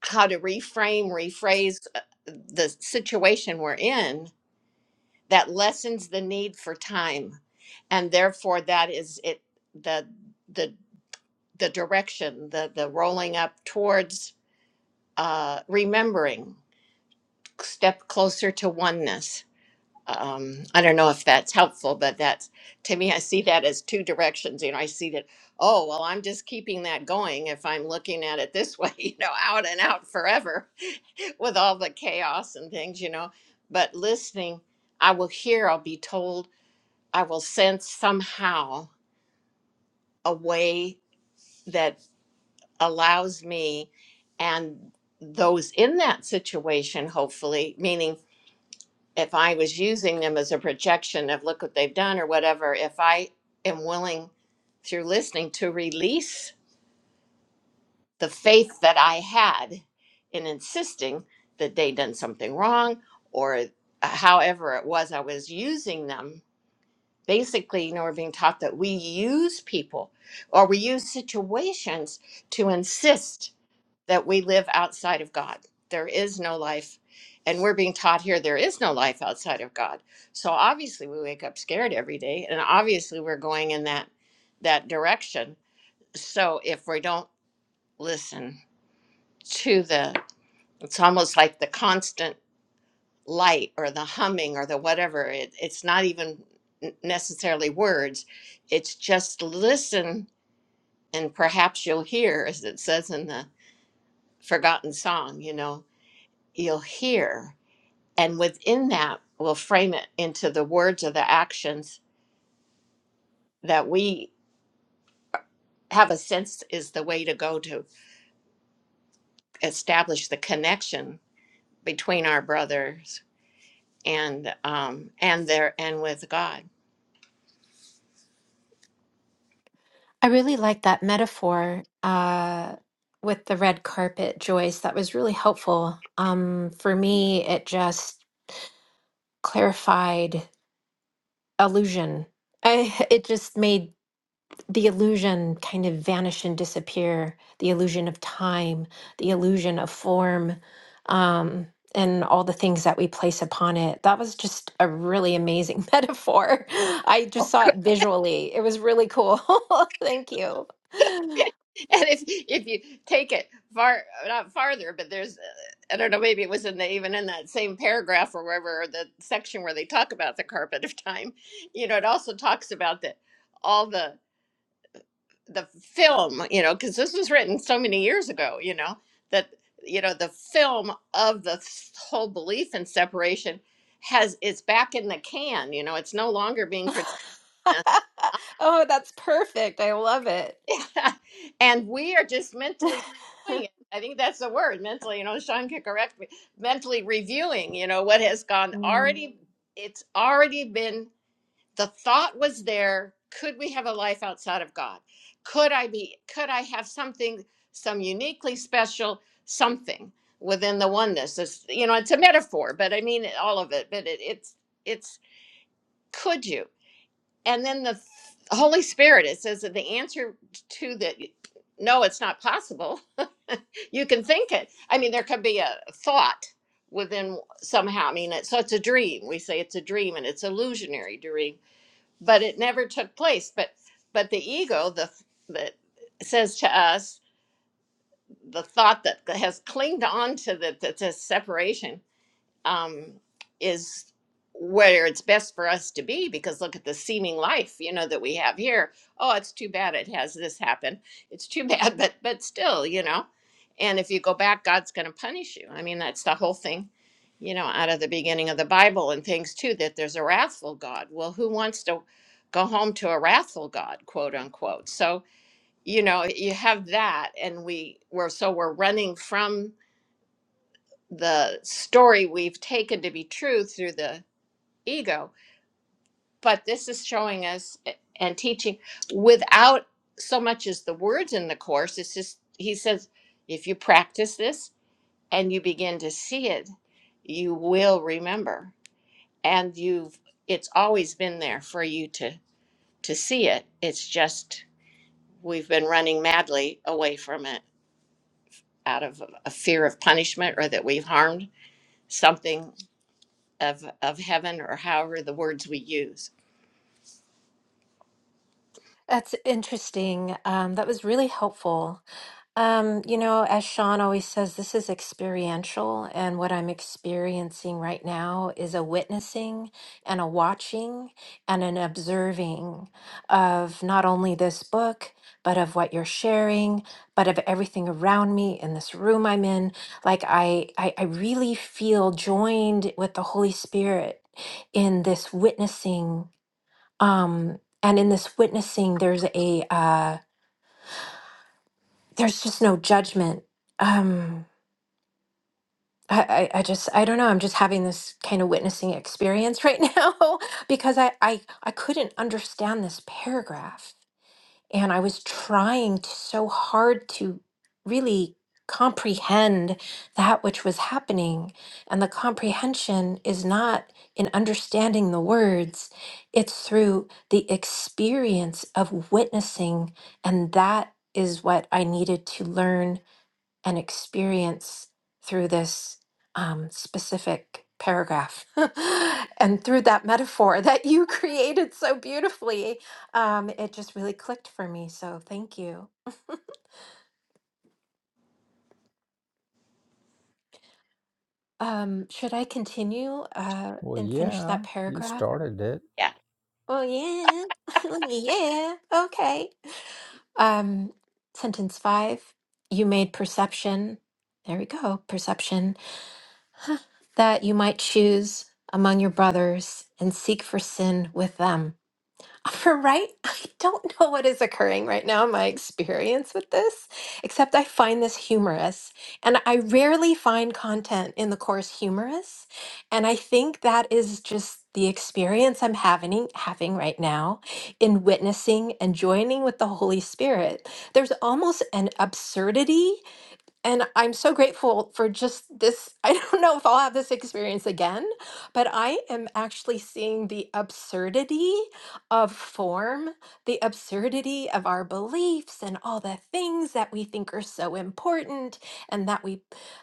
Speaker 2: how to reframe, rephrase uh, the situation we're in. That lessens the need for time, and therefore that is it. the the The direction, the the rolling up towards uh, remembering step closer to oneness um, i don't know if that's helpful but that's to me i see that as two directions you know i see that oh well i'm just keeping that going if i'm looking at it this way you know out and out forever with all the chaos and things you know but listening i will hear i'll be told i will sense somehow a way that allows me and those in that situation hopefully meaning if I was using them as a projection of look what they've done or whatever, if I am willing through listening to release the faith that I had in insisting that they had done something wrong or uh, however it was I was using them. Basically, you know, we're being taught that we use people or we use situations to insist that we live outside of God. There is no life. And we're being taught here there is no life outside of God. So obviously we wake up scared every day and obviously we're going in that that direction. So if we don't listen to the it's almost like the constant light or the humming or the whatever it, it's not even n- necessarily words it's just listen and perhaps you'll hear as it says in the forgotten song you know you'll hear and within that we'll frame it into the words or the actions that we have a sense is the way to go to establish the connection between our brothers and um and their and with god
Speaker 3: I really like that metaphor uh, with the red carpet, Joyce. That was really helpful. Um, for me, it just clarified illusion. I, it just made the illusion kind of vanish and disappear the illusion of time the illusion of form um, and all the things that we place upon it that was just a really amazing metaphor i just
Speaker 2: and
Speaker 3: saw it visually it was really cool thank you
Speaker 2: if if you take it far not farther but there's uh, i don't know maybe it was in the even in that same paragraph or wherever or the section where they talk about the carpet of time you know it also talks about that all the the film, you know, because this was written so many years ago, you know, that, you know, the film of the s- whole belief in separation has, it's back in the can, you know, it's no longer being produced.
Speaker 3: oh that's perfect i love it
Speaker 2: and we are just mentally reviewing it. I think that's the word, mentally, you know, Sean can correct me, mentally reviewing, you know, what has gone already, it's already been the thought was there could we have a life outside of god could i be could i have something some uniquely special something within the oneness it's, you know it's a metaphor but i mean all of it but it, it's it's could you and then the th- holy spirit it says that the answer to that no it's not possible you can think it i mean there could be a thought within somehow i mean it, so it's a dream we say it's a dream and it's illusionary dream but it never took place but but the ego the that says to us the thought that has clinged on to the, the, the separation um, is where it's best for us to be because look at the seeming life you know that we have here oh it's too bad it has this happen it's too bad but but still you know and if you go back god's going to punish you i mean that's the whole thing you know out of the beginning of the bible and things too that there's a wrathful god well who wants to go home to a wrathful god quote unquote so you know you have that and we we're so we're running from the story we've taken to be true through the ego but this is showing us and teaching without so much as the words in the course it's just he says if you practice this and you begin to see it you will remember and you've it's always been there for you to to see it it's just we've been running madly away from it out of a fear of punishment or that we've harmed something of of heaven or however the words we use.
Speaker 3: that's interesting um, that was really helpful Um, you know, as Sean always says, this is experiential, and what I'm experiencing right now is a witnessing and a watching and an observing of not only this book, but of what you're sharing, but of everything around me in this room I'm in. Like I, I, I really feel joined with the Holy Spirit in this witnessing. Um, and in this witnessing, there's a uh, there's just no judgment. Um, I, I I just I don't know. I'm just having this kind of witnessing experience right now because I, I I couldn't understand this paragraph and I was trying to, so hard to really comprehend that which was happening and the comprehension is not in understanding the words it's through the experience of witnessing and that is what I needed to learn and experience through this um, specific paragraph and through that metaphor that you created so beautifully. Um, it just really clicked for me. So thank you. Um, should I continue uh,
Speaker 1: Well,
Speaker 3: and finish
Speaker 1: yeah,
Speaker 3: that
Speaker 1: you
Speaker 3: paragraph?
Speaker 1: started it.
Speaker 2: Yeah.
Speaker 3: Oh, yeah. yeah. Okay. Um, sentence five you made perception. There we go. Perception that you might choose among your brothers and seek for sin with them. Right? I don't know what is occurring right now in my experience with this, except I find this humorous. And I rarely find content in the course humorous. And I think that is just the experience I'm having having right now in witnessing and joining with the Holy Spirit. There's almost an absurdity and I'm so grateful for just this. I don't know if I'll have this experience again, but I am actually seeing the absurdity of form, the absurdity of our beliefs and all the things that we think are so important and that we,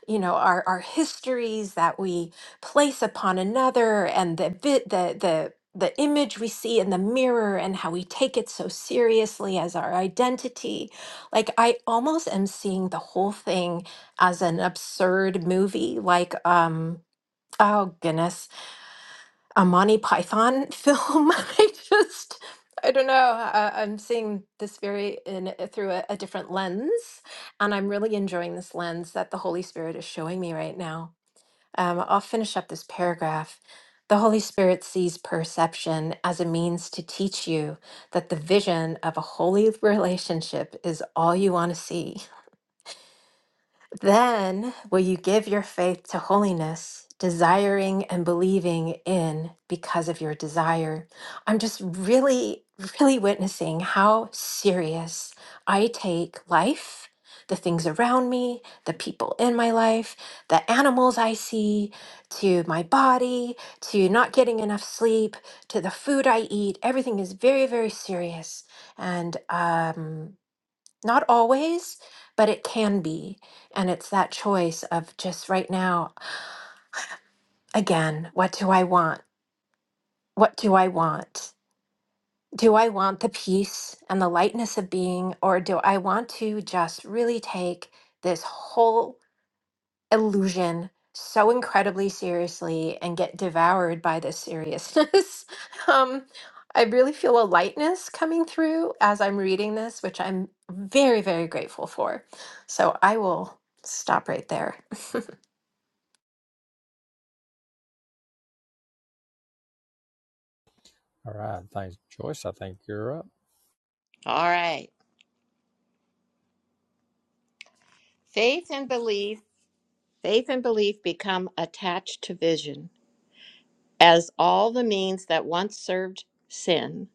Speaker 3: you know, our, our histories that we place upon another and the bit the the the image we see in the mirror and how we take it so seriously as our identity like I almost am seeing the whole thing as an absurd movie, like um oh goodness, a Monty Python film. I just I don't know. I, I'm seeing this very in uh, through a, a different lens, and I'm really enjoying this lens that the Holy Spirit is showing me right now. Um, I'll finish up this paragraph. The Holy Spirit sees perception as a means to teach you that the vision of a holy relationship is all you want to see Then will you give your faith to holiness, desiring and believing in because of your desire? I'm just really, really witnessing how serious I take life, the things around me, the people in my life, the animals I see, to my body, to not getting enough sleep, to the food I eat. Everything is very, very serious. And, um, not always, but it can be. And it's that choice of just right now, again, what do I want? What do I want? Do I want the peace and the lightness of being, or do I want to just really take this whole illusion so incredibly seriously and get devoured by this seriousness. um, I really feel a lightness coming through as I'm reading this, which I'm very, very grateful for. So I will stop right there.
Speaker 1: All right. Thanks, Joyce. I think you're up.
Speaker 2: All right. Faith and belief, faith and belief become attached to vision as all the means that once served sin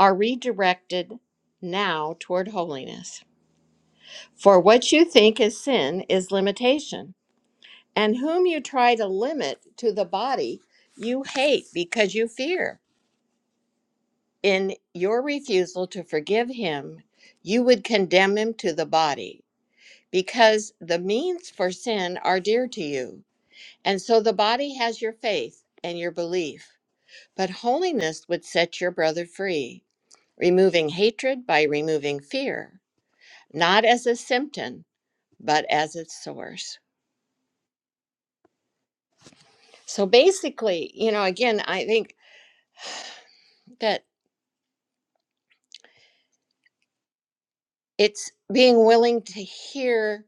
Speaker 2: are redirected now toward holiness. For what you think is sin is limitation, and whom you try to limit to the body you hate because you fear. In your refusal to forgive him, you would condemn him to the body because the means for sin are dear to you. And so the body has your faith and your belief. But holiness would set your brother free, removing hatred by removing fear, not as a symptom, but as its source. So basically, you know, again, I think that it's being willing to hear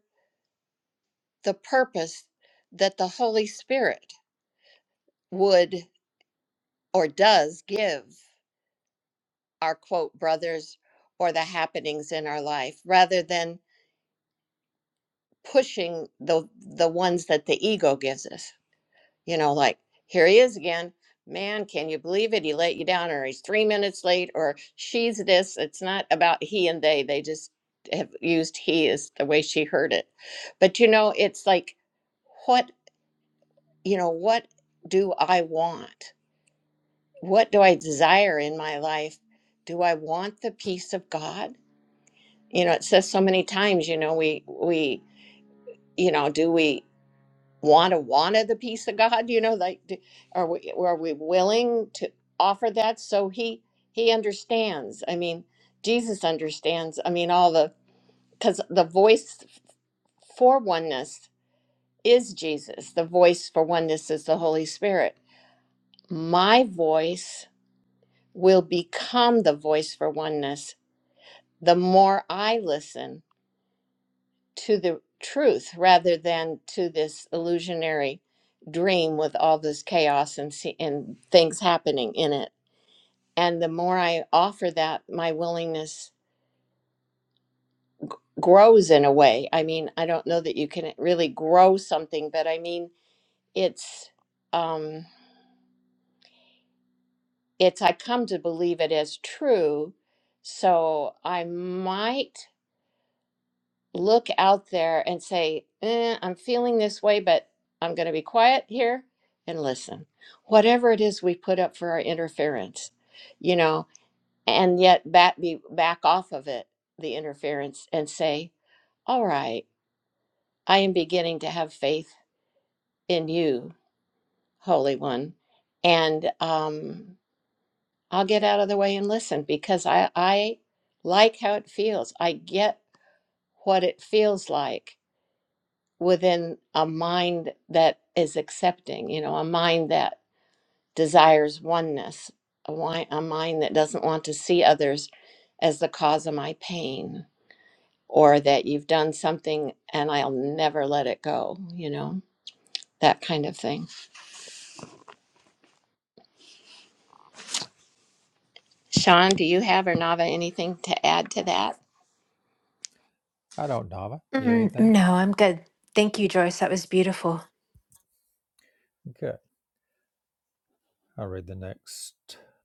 Speaker 2: the purpose that the Holy Spirit would or does give our quote brothers or the happenings in our life rather than pushing the the ones that the ego gives us you know like here he is again man can you believe it he let you down or he's three minutes late or she's this it's not about he and they they just have used he as the way she heard it but you know it's like what you know what do i want what do i desire in my life do i want the peace of god you know it says so many times you know we we you know do we want to want the peace of god you know like do- are we are we willing to offer that so he he understands i mean jesus understands i mean all the because the voice for oneness is jesus the voice for oneness is the holy spirit my voice will become the voice for oneness the more i listen to the truth rather than to this illusionary dream with all this chaos and se- and things happening in it and the more i offer that my willingness grows in a way i mean i don't know that you can really grow something but i mean it's um it's i come to believe it as true so i might look out there and say, eh, I'm feeling this way, but I'm going to be quiet here and listen. Whatever it is we put up for our interference, you know, and yet back, be, back off of it, the interference, and say, All right, I am beginning to have faith in you, Holy One. And um, I'll get out of the way and listen because I, I like how it feels. I get what it feels like within a mind that is accepting, you know, a mind that desires oneness, a, wi- a mind that doesn't want to see others as the cause of my pain or that you've done something and I'll never let it go, you know, that kind of thing. Sean, do you have or Nava anything to add to that?
Speaker 1: I don't, Nava. You have
Speaker 3: Mm,
Speaker 1: anything?
Speaker 3: no, I'm good. Thank you, Joyce. That was beautiful.
Speaker 1: Okay. I'll read the next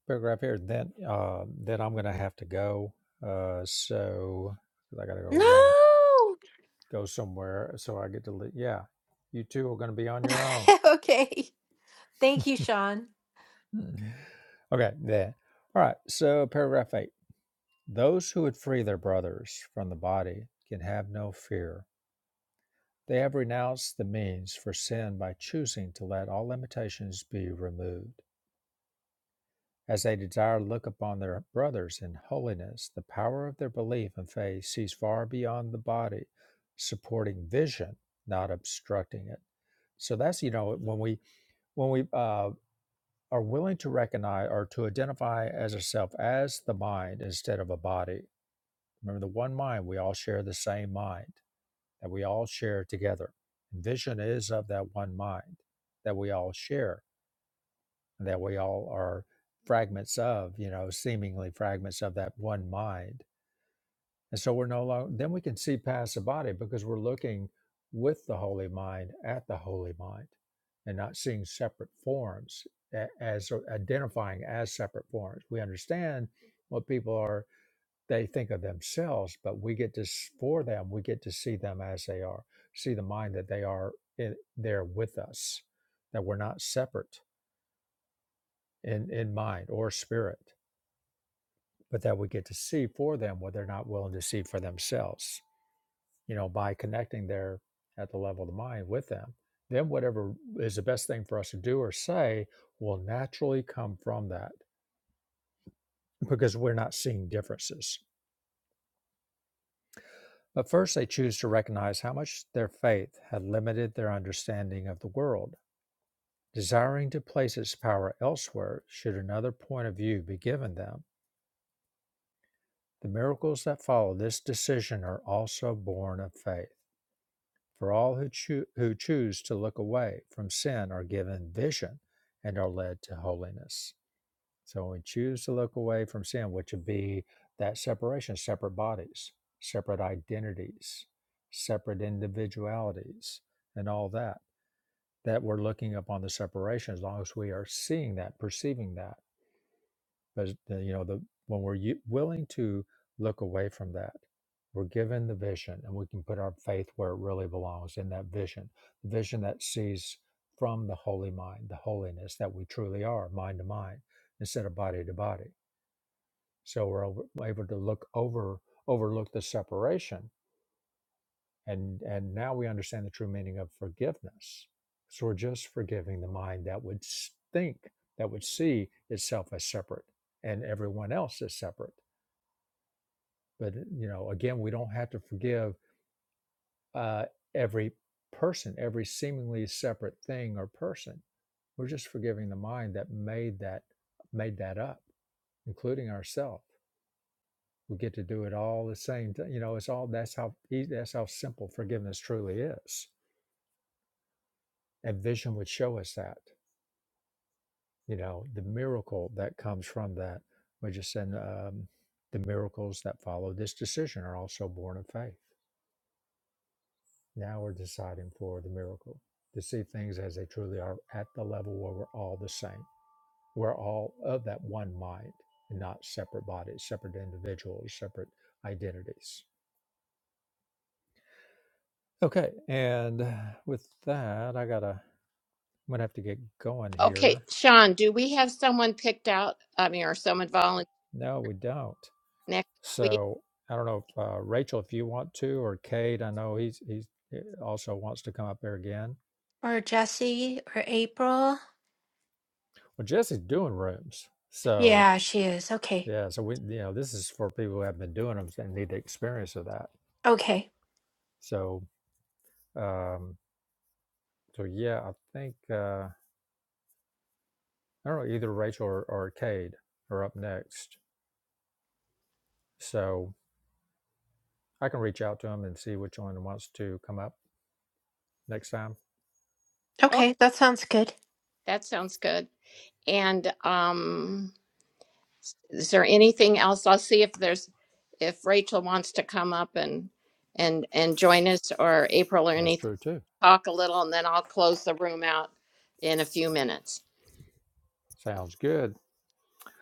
Speaker 1: paragraph here. Then, uh, then I'm going to have to go. Uh, so 'cause I got to go run,
Speaker 3: No.
Speaker 1: go somewhere. So I get to, li- yeah, you two are going to be on your own.
Speaker 3: okay. Thank you, Sean.
Speaker 1: Mm. okay, then. All right. So paragraph eight. Those who would free their brothers from the body can have no fear. They have renounced the means for sin by choosing to let all limitations be removed. As they desire to look upon their brothers in holiness, the power of their belief and faith sees far beyond the body, supporting vision, not obstructing it. So that's you know when we when we uh, are willing to recognize or to identify as ourself as the mind instead of a body. Remember the one mind. We all share the same mind that we all share together. Vision is of that one mind that we all share that we all are fragments of, you know, seemingly fragments of that one mind. And so we're no longer, then we can see past the body because we're looking with the holy mind at the holy mind and not seeing separate forms a- as or identifying as separate forms. We understand what people are, they think of themselves, but we get to, s- for them, we get to see them as they are, see the mind that they are in, there with us, that we're not separate in, in mind or spirit but that we get to see for them what they're not willing to see for themselves. You know, by connecting there at the level of the mind with them, then whatever is the best thing for us to do or say will naturally come from that because we're not seeing differences. But first, they choose to recognize how much their faith had limited their understanding of the world. Desiring to place its power elsewhere, should another point of view be given them, the miracles that follow this decision are also born of faith. For all who, choo- who choose to look away from sin are given vision and are led to holiness. So when we choose to look away from sin, which would be that separation, separate bodies, separate identities, separate individualities, and all that, that we're looking upon the separation as long as we are seeing that, perceiving that but the, you know, the when we're u- willing to look away from that, we're given the vision, and we can put our faith where it really belongs in that vision, the vision that sees from the holy mind, the holiness that we truly are, mind to mind, instead of body to body. So we're over, we're able to look over, overlook the separation, and and now we understand the true meaning of forgiveness. So we're just forgiving the mind that would s- think, that would see itself as separate and everyone else as separate. But you know, again, we don't have to forgive uh, every person, every seemingly separate thing or person. We're just forgiving the mind that made that made that up, including ourselves. We get to do it all the same. ti- You know, it's all that's how ea- that's how simple forgiveness truly is. And vision would show us that. You know, the miracle that comes from that. We just said um, the miracles that follow this decision are also born of faith. Now we're deciding for the miracle to see things as they truly are at the level where we're all the same. We're all of that one mind and not separate bodies, separate individuals, separate identities. Okay, and with that, I gotta, I'm gonna have to get going
Speaker 2: Okay,
Speaker 1: here.
Speaker 2: Sean, do we have someone picked out? I mean, or someone volunteer
Speaker 1: No, we don't.
Speaker 2: next week?
Speaker 1: So I don't know if uh, Rachel, if you want to, or Kate, I know he's he's he also wants to come up there again.
Speaker 3: Or Jesse or April.
Speaker 1: Well, Jesse's doing rooms, so
Speaker 3: Yeah, she is. Okay.
Speaker 1: Yeah, so we, you know, this is for people who have been doing them and need the experience of that.
Speaker 3: Okay.
Speaker 1: So, um, so yeah, I think uh, I don't know either Rachel or, or Cade are up next. So I can reach out to them and see which one wants to come up next time.
Speaker 2: Okay,
Speaker 3: Okay. That sounds good.
Speaker 2: that sounds good. And um, Is there anything else? I'll see if there's, if Rachel wants to come up and, and, and join us or April or
Speaker 1: That's
Speaker 2: anything.
Speaker 1: true too.
Speaker 2: Talk a little and then I'll close the room out in a few minutes.
Speaker 1: Sounds good.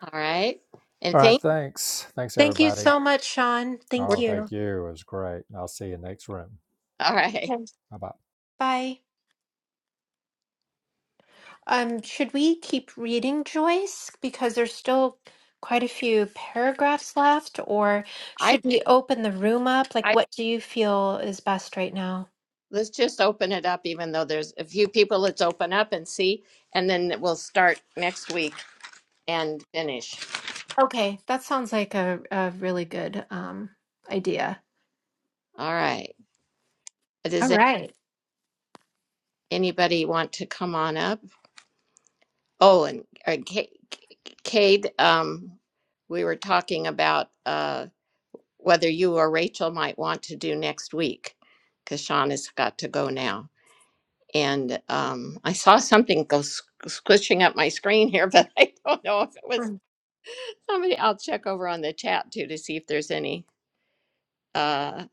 Speaker 2: All right. And
Speaker 1: All right,
Speaker 2: thank,
Speaker 1: thanks. Thanks
Speaker 3: Thank you
Speaker 1: everybody.
Speaker 3: so much, Sean. Thank
Speaker 2: we're,
Speaker 1: Oh,
Speaker 3: you.
Speaker 1: thank you. It was great. I'll see you next room.
Speaker 2: all right.
Speaker 3: Okay.
Speaker 1: Bye bye.
Speaker 3: Bye. Um, should we keep reading Joyce because there's still quite a few paragraphs left, or
Speaker 2: I,
Speaker 3: should we open the room up? Like,
Speaker 2: I,
Speaker 3: what do you feel is best right now?
Speaker 2: let's just open it up, even though there's a few people, let's open up and see, and then we'll start next week and finish.
Speaker 3: Okay, that sounds like a, a really good um idea.
Speaker 2: All right.
Speaker 3: All
Speaker 2: Does
Speaker 3: right.
Speaker 2: anybody want to come on up? Oh, and uh, Ca- Cade, um, we were talking about uh, whether you or Rachel might want to do next week because Sean has got to go now. And um, I saw something go s- squishing up my screen here, but I don't know if it was
Speaker 3: Mm.
Speaker 2: somebody. I'll check over on the chat too to see if there's any. Uh,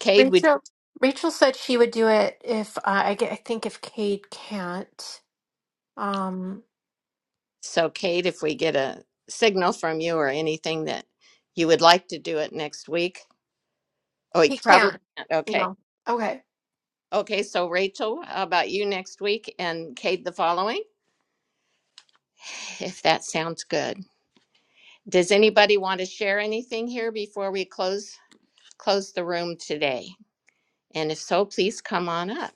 Speaker 2: Cade, would
Speaker 3: Rachel Rachel said she would do it if uh, I get, I think if Cade can't. Um,
Speaker 2: so Cade, if we get a signal from you or anything that you would like to do it next week. Oh, you
Speaker 3: he
Speaker 2: probably
Speaker 3: can't.
Speaker 2: can't.
Speaker 3: No. Okay.
Speaker 2: Okay, so Rachel, how about you next week and Cade the following, if that sounds good. Does anybody want to share anything here before we close close the room today? And if so, please come on up.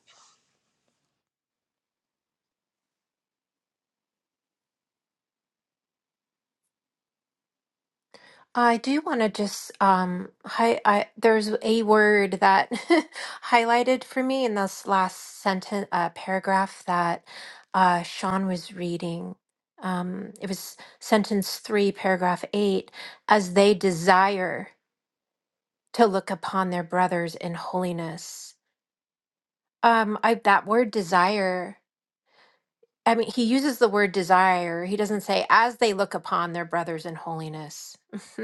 Speaker 3: I do want to just um hi I there's a word that highlighted for me in this last sentence uh, paragraph that uh, Sean was reading. Um, it was sentence three, paragraph eight, as they desire to look upon their brothers in holiness. Um, I that word desire. I mean, he uses the word desire. He doesn't say, as they look upon their brothers in holiness,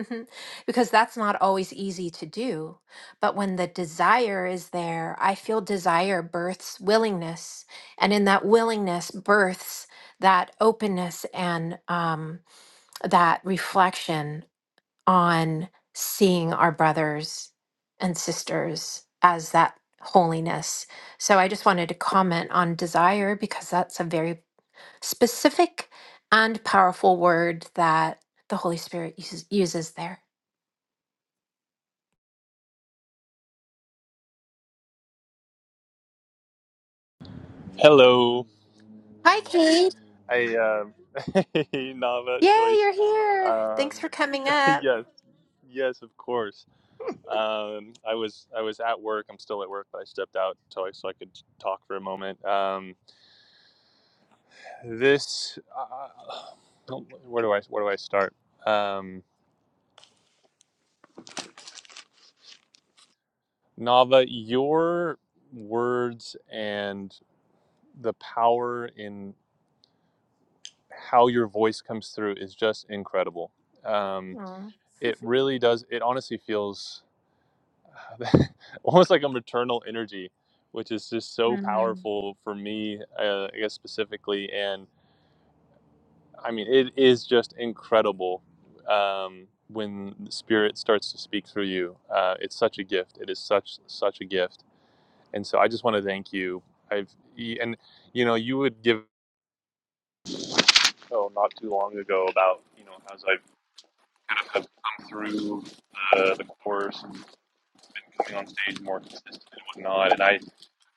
Speaker 3: because that's not always easy to do. But when the desire is there, I feel desire births willingness. And in that willingness, births that openness and um, that reflection on seeing our brothers and sisters as that holiness. So I just wanted to comment on desire because that's a very specific and powerful word that the Holy Spirit uses, uses there.
Speaker 4: Hello.
Speaker 3: Hi, Kate.
Speaker 4: I um hey Nava
Speaker 3: Yay,
Speaker 4: Joyce.
Speaker 3: you're here. Thanks
Speaker 4: Um
Speaker 3: for coming up.
Speaker 4: yes. Yes, of course. Um I was I was at work. I'm still at work, but I stepped out so I, so I could talk for a moment. Um this uh, uh, where do I where do I start? Um Nava, your words and the power in how your voice comes through is just incredible. Um
Speaker 3: Aw.
Speaker 4: it really does it honestly feels almost like a maternal energy, which is just so
Speaker 3: Mm.
Speaker 4: powerful for me, uh, I guess specifically. And I mean, it is just incredible um, when the spirit starts to speak through you. Uh, it's such a gift. It is such such a gift. And so I just want to thank you. I've and you know you would give oh not too long ago about you know as I've kind of have come through the, the course and been coming on stage more consistent and whatnot. And I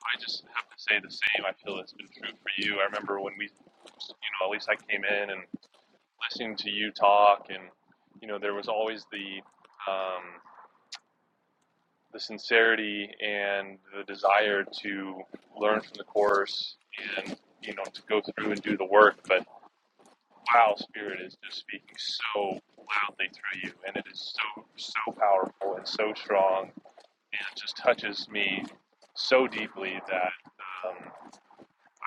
Speaker 4: I just have to say the same. I feel it's been true for you. I remember when we, you know, at least I came in and listening to you talk, and you know, there was always the um, the sincerity and the desire to learn from the course, and you know, to go through and do the work. But wow, Spirit is just speaking so loudly through you, and it is so so powerful and so strong, and it just touches me so deeply that. um,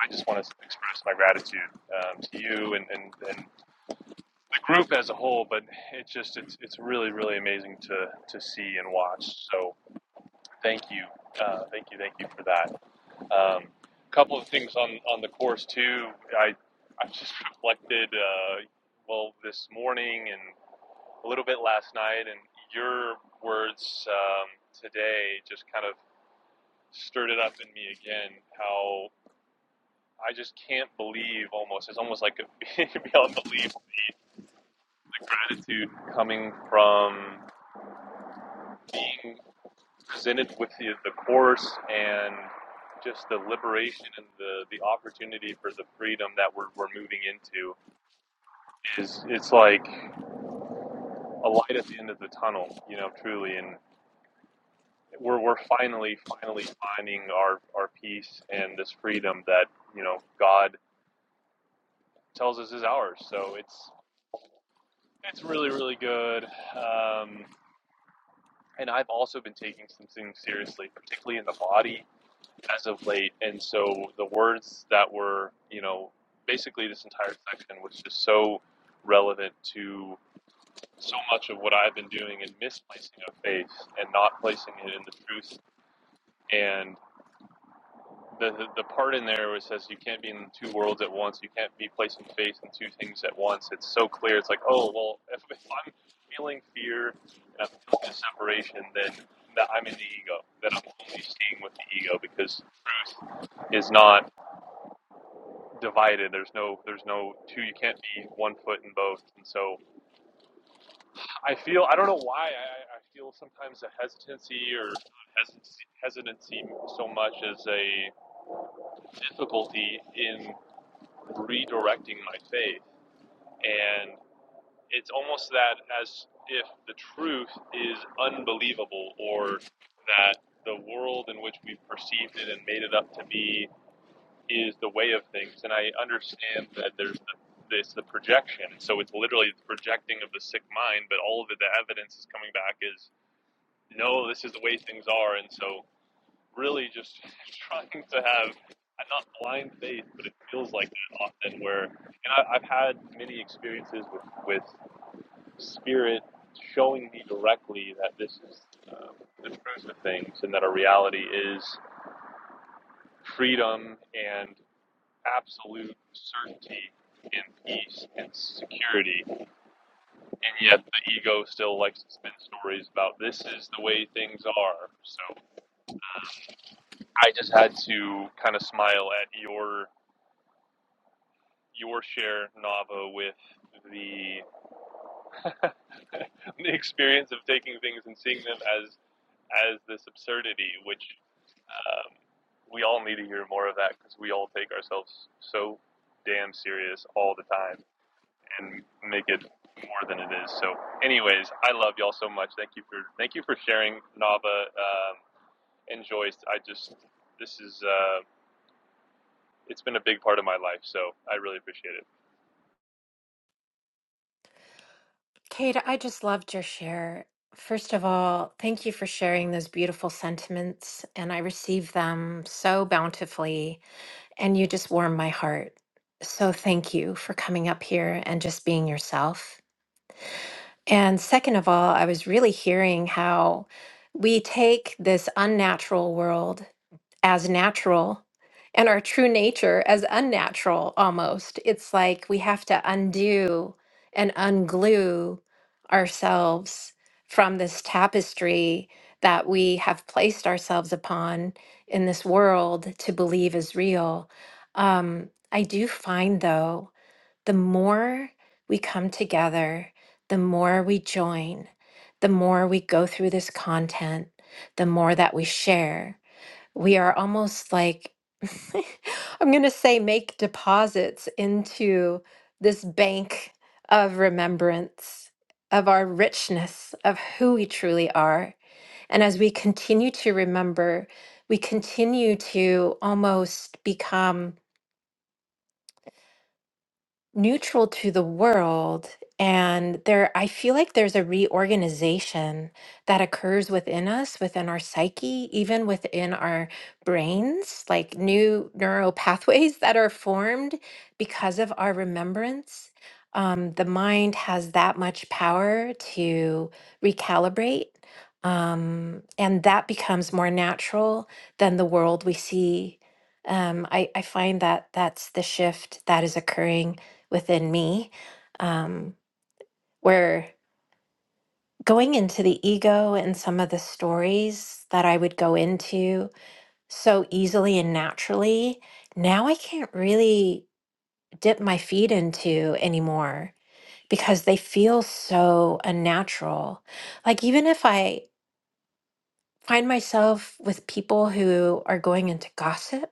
Speaker 4: I just want to express my gratitude um, to you and, and, and the group as a whole. But it's just it's it's really really amazing to to see and watch. So thank you, uh, thank you, thank you for that. Um, a couple of things on on the course too. I I've just reflected uh, well this morning and a little bit last night, and your words um, today just kind of stirred it up in me again. How I just can't believe almost. It's almost like a, beyond belief the gratitude coming from being presented with the, the course and just the liberation and the, the opportunity for the freedom that we're, we're moving into is it's like a light at the end of the tunnel, you know, truly. And we're, we're finally, finally finding our, our peace and this freedom that, you know, God tells us is ours. So it's, it's really, really good. Um, and I've also been taking some things seriously, particularly in the body as of late. And so the words that were, you know, basically this entire section was just so relevant to so much of what I've been doing and misplacing of faith and not placing it in the truth and the, the part in there where it says you can't be in two worlds at once. You can't be placing faith in two things at once. It's so clear. It's like, oh well, if, if I'm feeling fear and I'm feeling separation, then that I'm in the ego. That I'm only staying with the ego because truth is not divided. There's no there's no two. You can't be one foot in both. And so I feel I don't know why I, I I feel sometimes a hesitancy or hesitancy, hesitancy so much as a difficulty in redirecting my faith. And it's almost that as if the truth is unbelievable or that the world in which we've perceived it and made it up to be is the way of things. And I understand that there's the, this the projection. So it's literally the projecting of the sick mind, but all of it, the evidence is coming back is no, this is the way things are. And so really just trying to have uh, not blind faith, but it feels like that often. Where and I, I've had many experiences with with spirit showing me directly that this is um, the truth of things and that our reality is freedom and absolute certainty and peace and security and yet the ego still likes to spin stories about this is the way things are so uh, I just had to kind of smile at your your share, Nava, with the the experience of taking things and seeing them as as this absurdity, which um, we all need to hear more of that because we all take ourselves so damn serious all the time and make it more than it is. So, anyways, I love y'all so much. Thank you for thank you for sharing, Nava um, and Joyce. I just this is uh, it's been a big part of my life, so I really appreciate it.
Speaker 3: Kate, I just loved your share. First of all, thank you for sharing those beautiful sentiments, and I received them so bountifully, and you just warmed my heart. So, thank you for coming up here and just being yourself. And second of all, I was really hearing how we take this unnatural world as natural and our true nature as unnatural almost. It's like we have to undo and unglue ourselves from this tapestry that we have placed ourselves upon in this world to believe is real. Um, I do find, though, the more we come together, the more we join, the more we go through this content, the more that we share. We are almost like, I'm going to say, make deposits into this bank of remembrance of our richness of who we truly are. And as we continue to remember, we continue to almost become neutral to the world and there i feel like there's a reorganization that occurs within us within our psyche even within our brains like new neural pathways that are formed because of our remembrance um, the mind has that much power to recalibrate um, and that becomes more natural than the world we see um, I, I find that that's the shift that is occurring within me, um, where going into the ego and some of the stories that I would go into so easily and naturally, now I can't really dip my feet into anymore because they feel so unnatural. Like, even if I find myself with people who are going into gossip,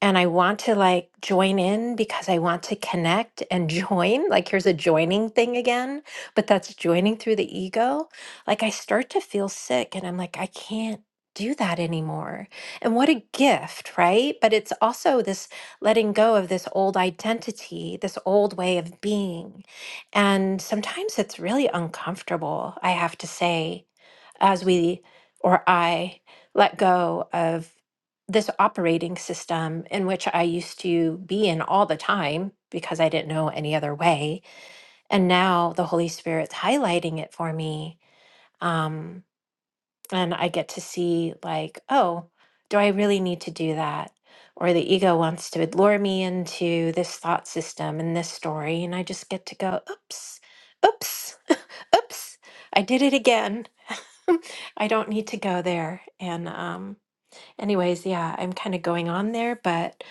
Speaker 3: and I want to like join in because I want to connect and join. Like, here's a joining thing again, but that's joining through the ego. Like, I start to feel sick and I'm like, I can't do that anymore. And what a gift, right? But it's also this letting go of this old identity, this old way of being. And sometimes it's really uncomfortable, I have to say as we or I let go of this operating system in which I used to be in all the time because I didn't know any other way. And now the Holy Spirit's highlighting it for me. Um, and I get to see, like, oh, do I really need to do that? Or the ego wants to lure me into this thought system and this story. And I just get to go, oops, oops, oops, I did it again. I don't need to go there. And um, anyways, yeah, I'm kind of going on there, but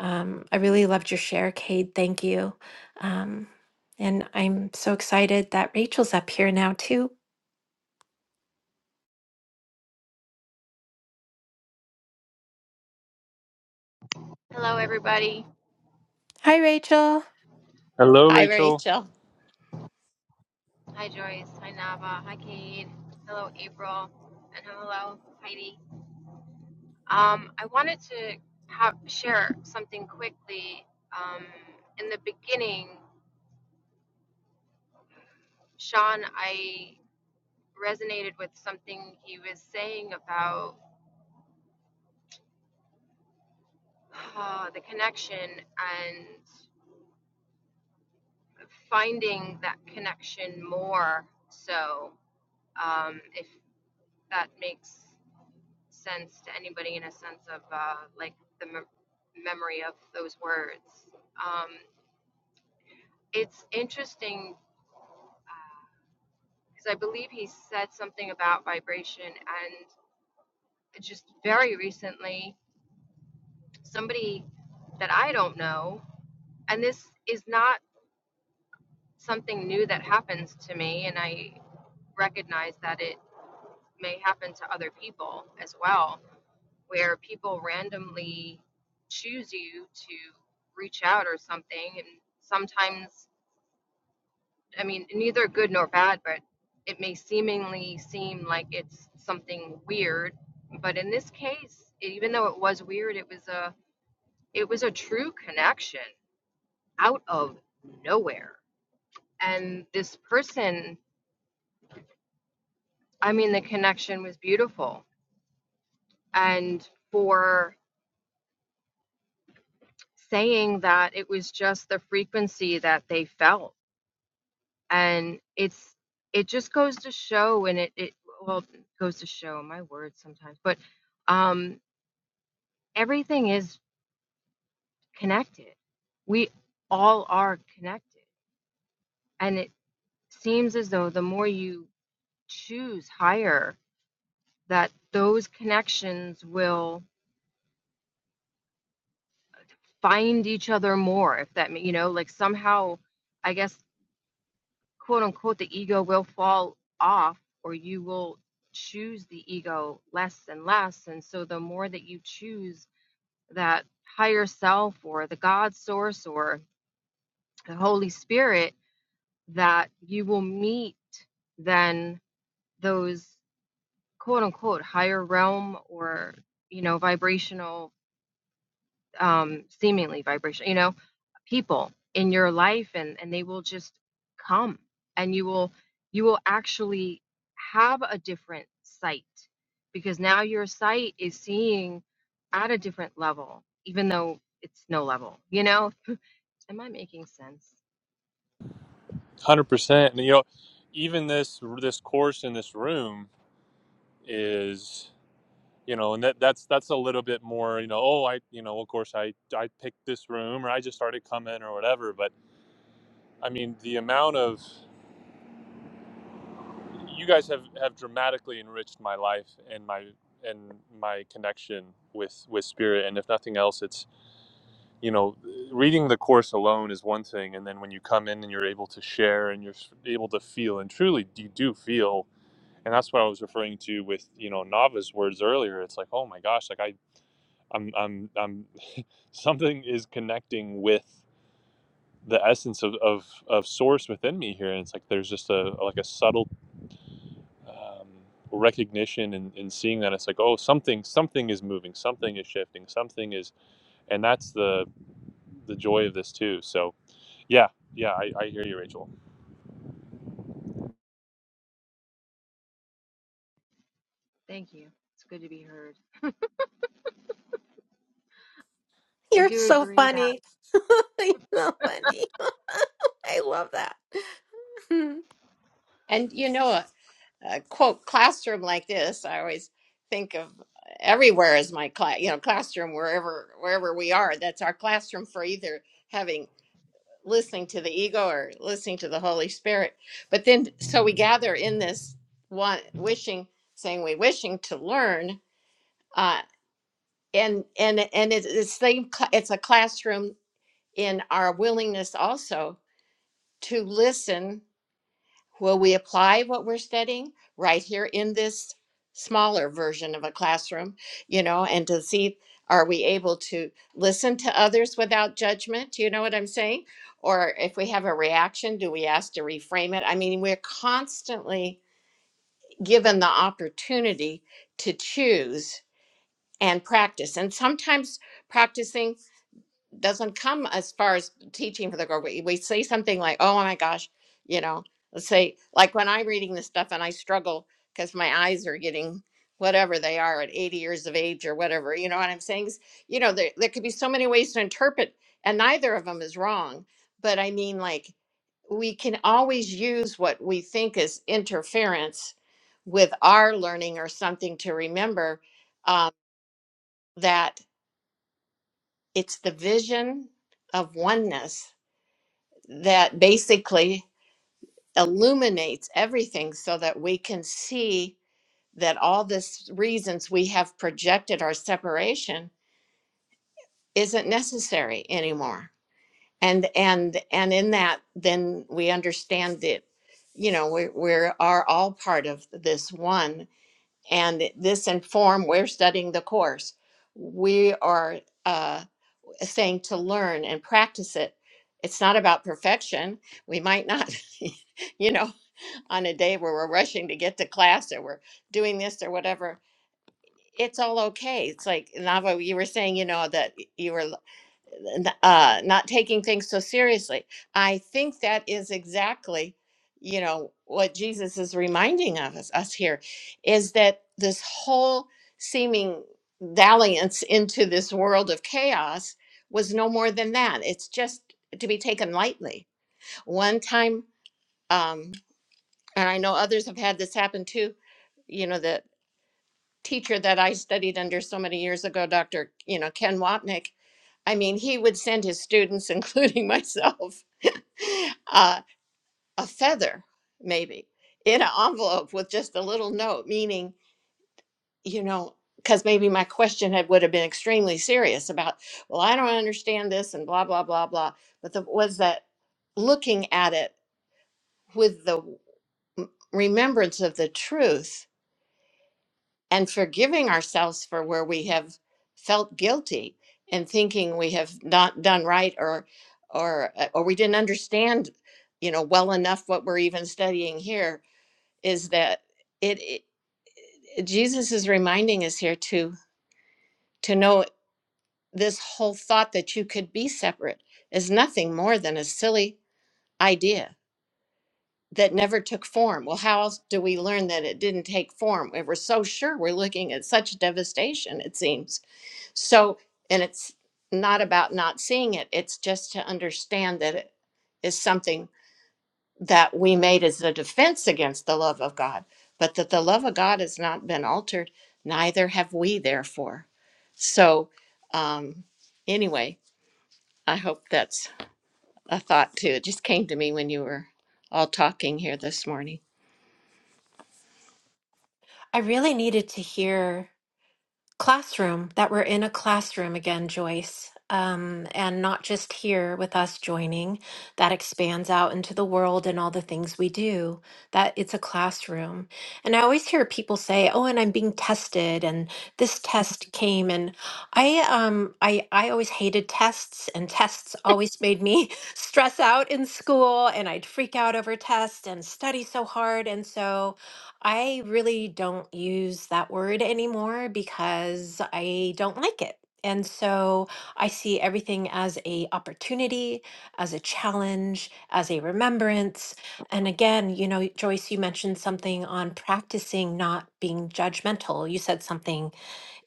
Speaker 3: um, I really loved your share, Cade. Thank you. Um, and I'm so excited that Rachel's up here now too.
Speaker 5: Hello, everybody.
Speaker 3: Hi, Rachel.
Speaker 2: Hi, Rachel.
Speaker 5: Hi, Joyce. Hi, Nava. Hi, Cade. Hello, April. And hello, Heidi. Um, I wanted to have, share something quickly. Um, in the beginning, Sean, I resonated with something he was saying about uh, the connection and finding that connection more. So, um, if that makes sense to anybody in a sense of uh, like the mem- memory of those words. Um, it's interesting because uh, I believe he said something about vibration, and just very recently, somebody that I don't know, and this is not something new that happens to me, and I recognize that it may happen to other people as well where people randomly choose you to reach out or something. And sometimes, I mean, neither good nor bad, but it may seemingly seem like it's something weird. But in this case, even though it was weird, it was a it was a true connection out of nowhere. And this person, I mean, the connection was beautiful. And for saying that it was just the frequency that they felt and it's it just goes to show and it it well it goes to show my words sometimes but um everything is connected we all are connected and it seems as though the more you choose higher that those connections will find each other more if that ma- you know like somehow i guess quote unquote, the ego will fall off or you will choose the ego less and less. And so the more that you choose that higher self or the God source or the Holy Spirit that you will meet then those quote unquote higher realm or, you know, vibrational um, seemingly vibration, you know, people in your life and, and they will just come and you will, you will actually have a different sight because now your sight is seeing at a different level, even though it's no level, you know, am I making sense?
Speaker 4: one Hundred percent, and you know, even this this course in this room is you know, and that that's that's a little bit more you know. Oh, I you know, of course, I I picked this room, or I just started coming, or whatever. But I mean, the amount of you guys have have dramatically enriched my life and my and my connection with with spirit and if nothing else it's you know reading the course alone is one thing and then when you come in and you're able to share and you're able to feel and truly you do feel and that's what I was referring to with you know Nava's words earlier. It's like, oh my gosh, like I, I'm, I'm, I'm, something is connecting with the essence of of of source within me here, and it's like there's just a like a subtle um, recognition and, and seeing that it's like, oh, something, something is moving, something is shifting, something is, and that's the the joy of this too. So, yeah, yeah, I, I hear you, Rachel.
Speaker 5: Thank you. It's good to be heard. I
Speaker 3: You're
Speaker 5: do
Speaker 3: so
Speaker 5: agree that.
Speaker 3: funny. You're so funny. I love that.
Speaker 2: And you know, a, a quote classroom like this, I always think of uh, everywhere as my class, you know, classroom wherever wherever we are. That's our classroom for either having listening to the ego or listening to the Holy Spirit. But then, so we gather in this one wishing, saying we wishing to learn, uh, and and and it's the same. cla- It's a classroom in our willingness also to listen Will we apply what we're studying right here in this smaller version of a classroom, you know, and to see are we able to listen to others without judgment? You know what I'm saying? Or if we have a reaction, do we ask to reframe it? I mean, we're constantly given the opportunity to choose and practice. And sometimes practicing doesn't come as far as teaching for the girl. We, we say something like, oh my gosh, you know, let's say, like when I'm reading this stuff and I struggle because my eyes are getting whatever they are at 80 years of age or whatever, you know what I'm saying? S- You know, there, there could be so many ways to interpret, and neither of them is wrong. But I mean, like, we can always use what we think is interference with our learning or something to remember um, that it's the vision of oneness that basically illuminates everything so that we can see that all this reasons we have projected our separation isn't necessary anymore and and and in that then we understand that you know we we are all part of this one and this inform we're studying the course we are uh, saying to learn and practice it it's not about perfection we might not you know on a day where we're rushing to get to class or we're doing this or whatever it's all okay it's like nava you were saying you know that you were uh, not taking things so seriously i think that is exactly you know what jesus is reminding of us, us here is that this whole seeming dalliance into this world of chaos was no more than that it's just to be taken lightly one time um, and I know others have had this happen too. You know, the teacher that I studied under so many years ago, Dr. You know, Ken Wapnick, I mean, he would send his students, including myself, uh, a feather, maybe, in an envelope with just a little note, meaning, you know, because maybe my question had would have been extremely serious about, well, I don't understand this and blah, blah, blah, blah. But the was that looking at it with the remembrance of the truth and forgiving ourselves for where we have felt guilty and thinking we have not done right or or uh, or we didn't understand you know well enough what we're even studying here is that it, it Jesus is reminding us here to to know this whole thought that you could be separate is nothing more than a silly idea that never took form. Well, how else do we learn that it didn't take form? We We're so sure we're looking at such devastation, it seems So, and it's not about not seeing it, it's just to understand that it is something that we made as a defense against the love of God, but that the love of God has not been altered, neither have we, therefore. So, um, anyway, I hope that's a thought too. It just came to me when you were all talking here this morning.
Speaker 3: I really needed to hear. Classroom, that we're in a classroom again, Joyce, um, and not just here with us joining, that expands out into the world and all the things we do, that it's a classroom. And I always hear people say, "Oh, and I'm being tested, and this test came," and I, um, I, I always hated tests, and tests always made me stress out in school, and I'd freak out over tests and study so hard, and so. I really don't use that word anymore because I don't like it. And so I see everything as a opportunity, as a challenge, as a remembrance. And again, you know, Joyce, you mentioned something on practicing not being judgmental. You said something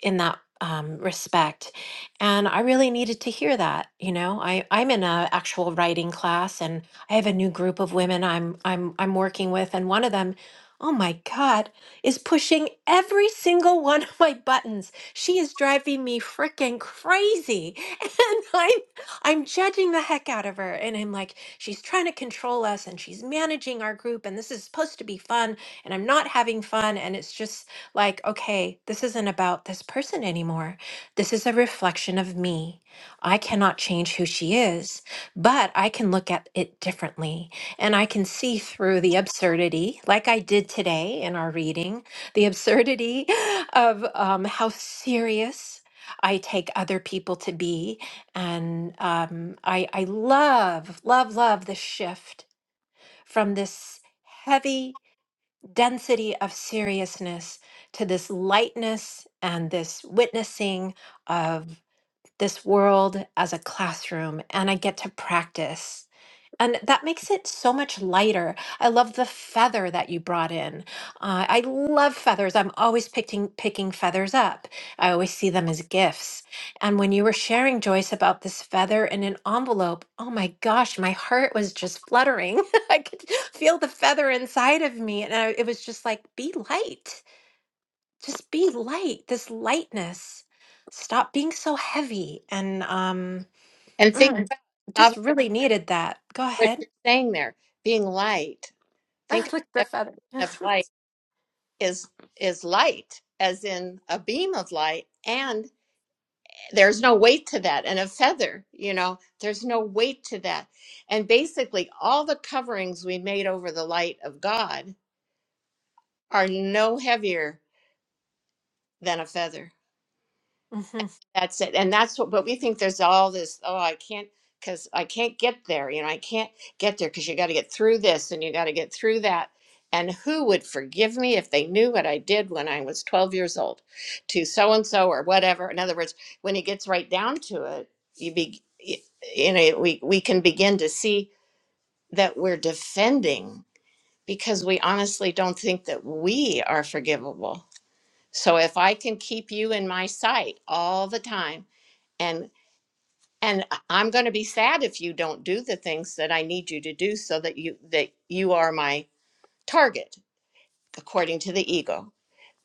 Speaker 3: in that um, respect. And I really needed to hear that. You know, I, I'm in a actual writing class and I have a new group of women I'm I'm I'm working with and one of them, oh my God, is pushing every single one of my buttons. She is driving me freaking crazy. And I'm I'm judging the heck out of her. And I'm like, she's trying to control us and she's managing our group and this is supposed to be fun and I'm not having fun. And it's just like, okay, this isn't about this person anymore. This is a reflection of me. I cannot change who she is, but I can look at it differently and I can see through the absurdity, like I did today in our reading, the absurdity of um, how serious I take other people to be. And um, I, I love, love, love the shift from this heavy density of seriousness to this lightness and this witnessing of this world as a classroom. And I get to practice and that makes it so much lighter. I love the feather that you brought in. Uh, I love feathers. I'm always picking picking feathers up. I always see them as gifts. And when you were sharing Joyce about this feather in an envelope, oh my gosh, my heart was just fluttering. I could feel the feather inside of me, and I, it was just like, be light. Just be light. This lightness. Stop being so heavy. And um,
Speaker 2: And think
Speaker 3: mm,
Speaker 2: about Nava,
Speaker 3: just
Speaker 2: what
Speaker 3: really needed that. Go
Speaker 2: what
Speaker 3: ahead.
Speaker 2: you're saying there, being light. Think of
Speaker 3: like the
Speaker 2: the
Speaker 3: feather.
Speaker 2: definition of light is is light as in a beam of light and there's no weight to that and a feather you know there's no weight to that and basically all the coverings we made over the light of god are no heavier than a feather
Speaker 3: hmm
Speaker 2: That's it. And that's what, but we think there's all this, oh, I can't, because I can't get there. You know, I can't get there because you got to get through this and you got to get through that. And who would forgive me if they knew what I did when I was 12 years old to so and so or whatever? In other words, when it gets right down to it, you be, you know, we, we can begin to see that we're defending because we honestly don't think that we are forgivable. So if I can keep you in my sight all the time, and and I- i'm going to be sad if you don't do the things that i need you to do so that you that you are my target according to the ego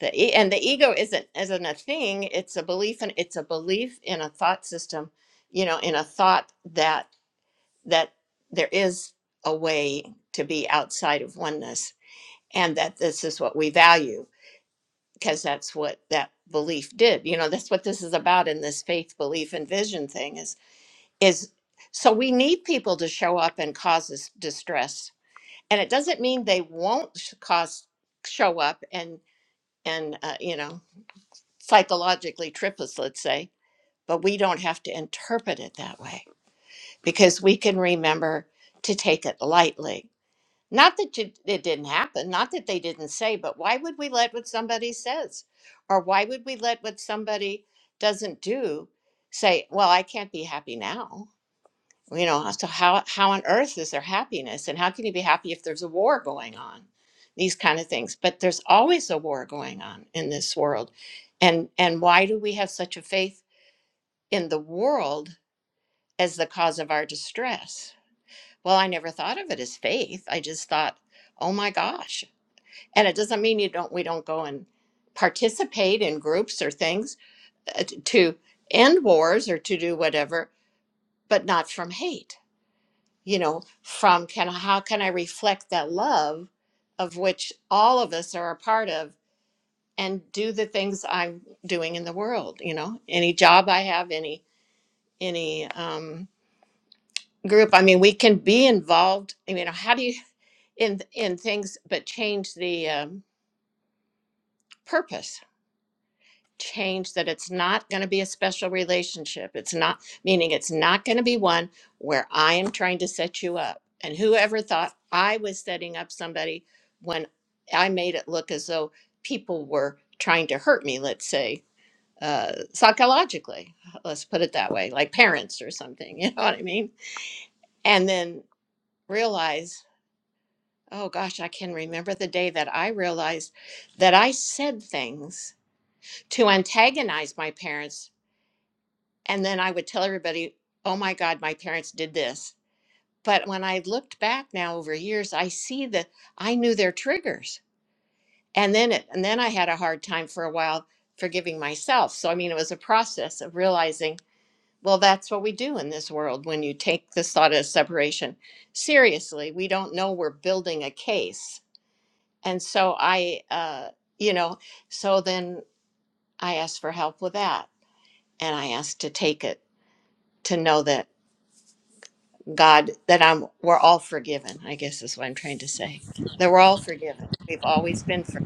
Speaker 2: the e- and the ego isn't isn't a thing it's a belief and it's a belief in a thought system you know in a thought that that there is a way to be outside of oneness and that this is what we value because that's what that belief did you know that's what this is about in this faith belief and vision thing is is so we need people to show up and cause us distress and it doesn't mean they won't sh- cause show up and and uh, you know psychologically trip us let's say but we don't have to interpret it that way because we can remember to take it lightly not that you, it didn't happen not that they didn't say but why would we let what somebody says or why would we let what somebody doesn't do say well i can't be happy now you know so how how on earth is there happiness and how can you be happy if there's a war going on these kind of things but there's always a war going on in this world and and why do we have such a faith in the world as the cause of our distress well i never thought of it as faith i just thought oh my gosh and it doesn't mean you don't we don't go and participate in groups or things uh, t- to end wars or to do whatever but not from hate you know from can how can i reflect that love of which all of us are a part of and do the things i'm doing in the world you know any job i have any any um group i mean we can be involved you know how do you in in things but change the um, purpose change that it's not going to be a special relationship. It's not, meaning it's not going to be one where I am trying to set you up. And whoever thought I was setting up somebody when I made it look as though people were trying to hurt me, let's say, uh, psychologically, let's put it that way, like parents or something, you know what I mean? And then realize, oh gosh, I can remember the day that I realized that I said things to antagonize my parents And then I would tell everybody, oh my God, my parents did this. But when I looked back now over years, I see that I knew their triggers. And then it, and then I had a hard time for a while forgiving myself. So I mean it was a process of realizing, well, that's what we do in this world when you take this thought of separation seriously. We don't know we're building a case. And so I uh, you know, so then I asked for help with that. And I asked to take it to know that. God, that I'm we're all forgiven, I guess is what I'm trying to say. That we're all forgiven. We've always been forgiven.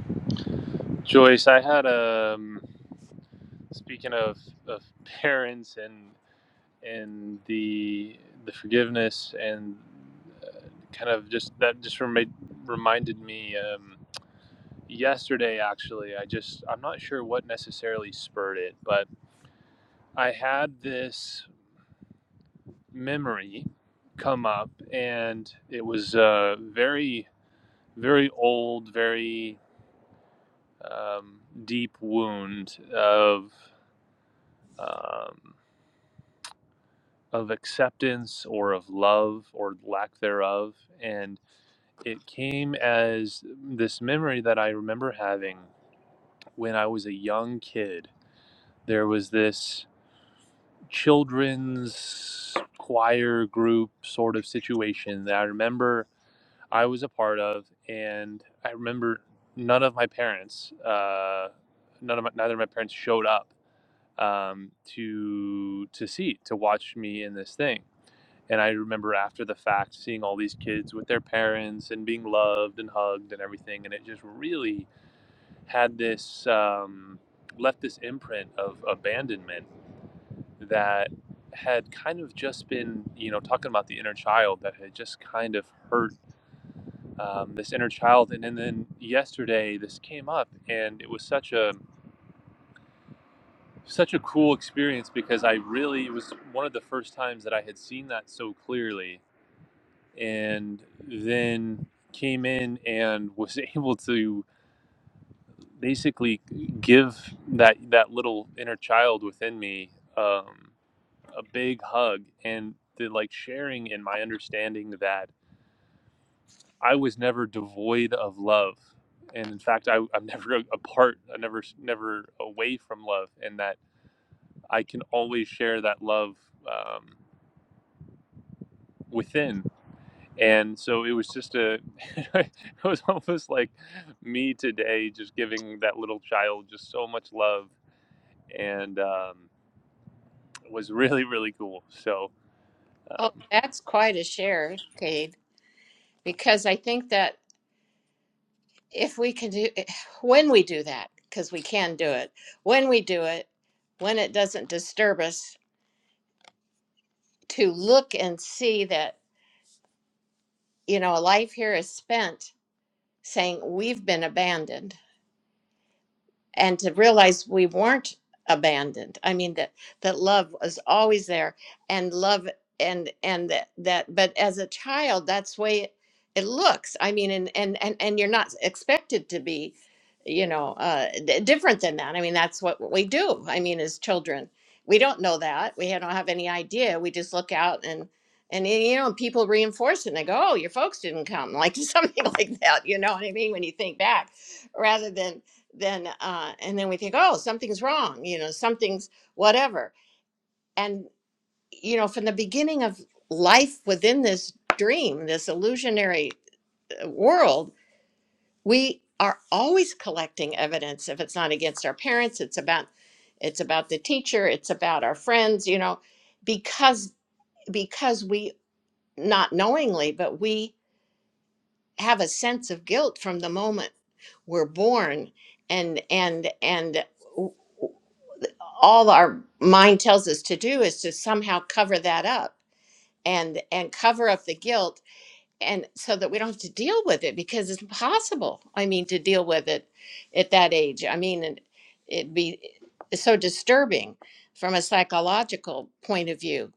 Speaker 4: Joyce, I had um, speaking of of parents and. and the the forgiveness and uh, kind of just that just remade, reminded me um, yesterday actually i just i'm not sure what necessarily spurred it but i had this memory come up and it was a very very old very um, deep wound of um, of acceptance or of love or lack thereof. And it came as this memory that I remember having when I was a young kid. There was this children's choir group sort of situation that I remember I was a part of, and I remember none of my parents, uh, none of my, neither of my parents showed up um, to to see to watch me in this thing And I remember after the fact seeing all these kids with their parents and being loved and hugged and everything. And it just really had this, um, left this imprint of abandonment that had kind of just been, you know, talking about the inner child that had just kind of hurt um, this inner child. And, and then yesterday this came up and it was such a, such a cool experience because I really, it was one of the first times that I had seen that so clearly and then came in and was able to basically give that that little inner child within me um, a big hug and the like sharing in my understanding that I was never devoid of love and in fact I, I'm never apart I never never away from love and that I can always share that love um, within And so it was just a, it was almost like me today, just giving that little child just so much love and um, it was really, really cool. So,
Speaker 2: Oh,
Speaker 4: um,
Speaker 2: that's quite a share, Cade, because I think that if we can do when we do that, because we can do it, when we do it, when it doesn't disturb us, to look and see that, you know, life here is spent saying we've been abandoned. and to realize we weren't abandoned i mean that that love was always there and love and and that, that but as a child that's the way it, it looks i mean and, and and and you're not expected to be you know uh d- different than that i mean that's what we do i mean as children we don't know that we don't have any idea we just look out and and you know people reinforce it and they go oh your folks didn't come like something like that you know what i mean when you think back rather than then uh, and then we think oh something's wrong you know something's whatever and you know from the beginning of life within this dream this illusionary uh, world we are always collecting evidence if it's not against our parents it's about it's about the teacher it's about our friends you know because because we not knowingly but we have a sense of guilt from the moment we're born and and and all our mind tells us to do is to somehow cover that up and and cover up the guilt and so that we don't have to deal with it because it's impossible i mean to deal with it at that age i mean and it'd be eh, so disturbing from a psychological point of view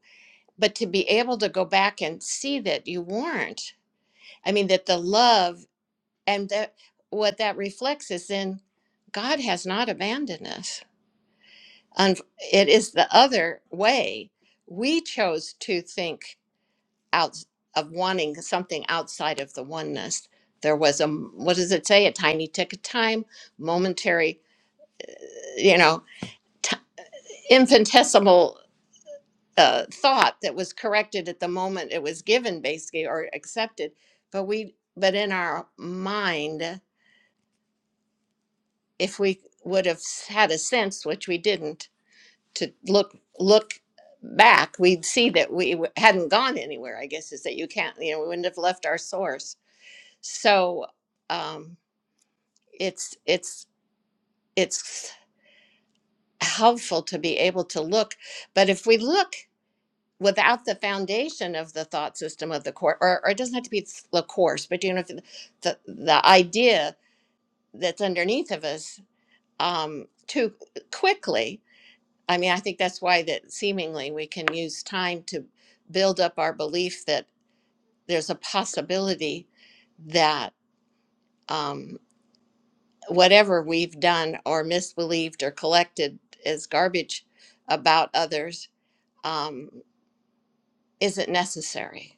Speaker 2: but to be able to go back and see that you weren't i mean that the love and that what that reflects is in god has not abandoned us and it is the other way. We chose to think out of wanting something outside of the oneness. There was a, m- what does it say? A tiny tick of time, momentary, you know, t- infinitesimal uh, thought that was corrected at the moment it was given, basically, or accepted. But we, but in our mind, if we would have had a sense, which we didn't, to look look back, we'd see that we w- hadn't gone anywhere. I guess is that you can't, you know, we wouldn't have left our source. So um, it's it's it's helpful to be able to look, but if we look without the foundation of the thought system of the course, or, or it doesn't have to be th- the course, but you know, the the, the idea that's underneath of us um, too quickly I mean, I think that's why that seemingly we can use time to build up our belief that there's a possibility that um, whatever we've done or misbelieved or collected as garbage about others um, isn't necessary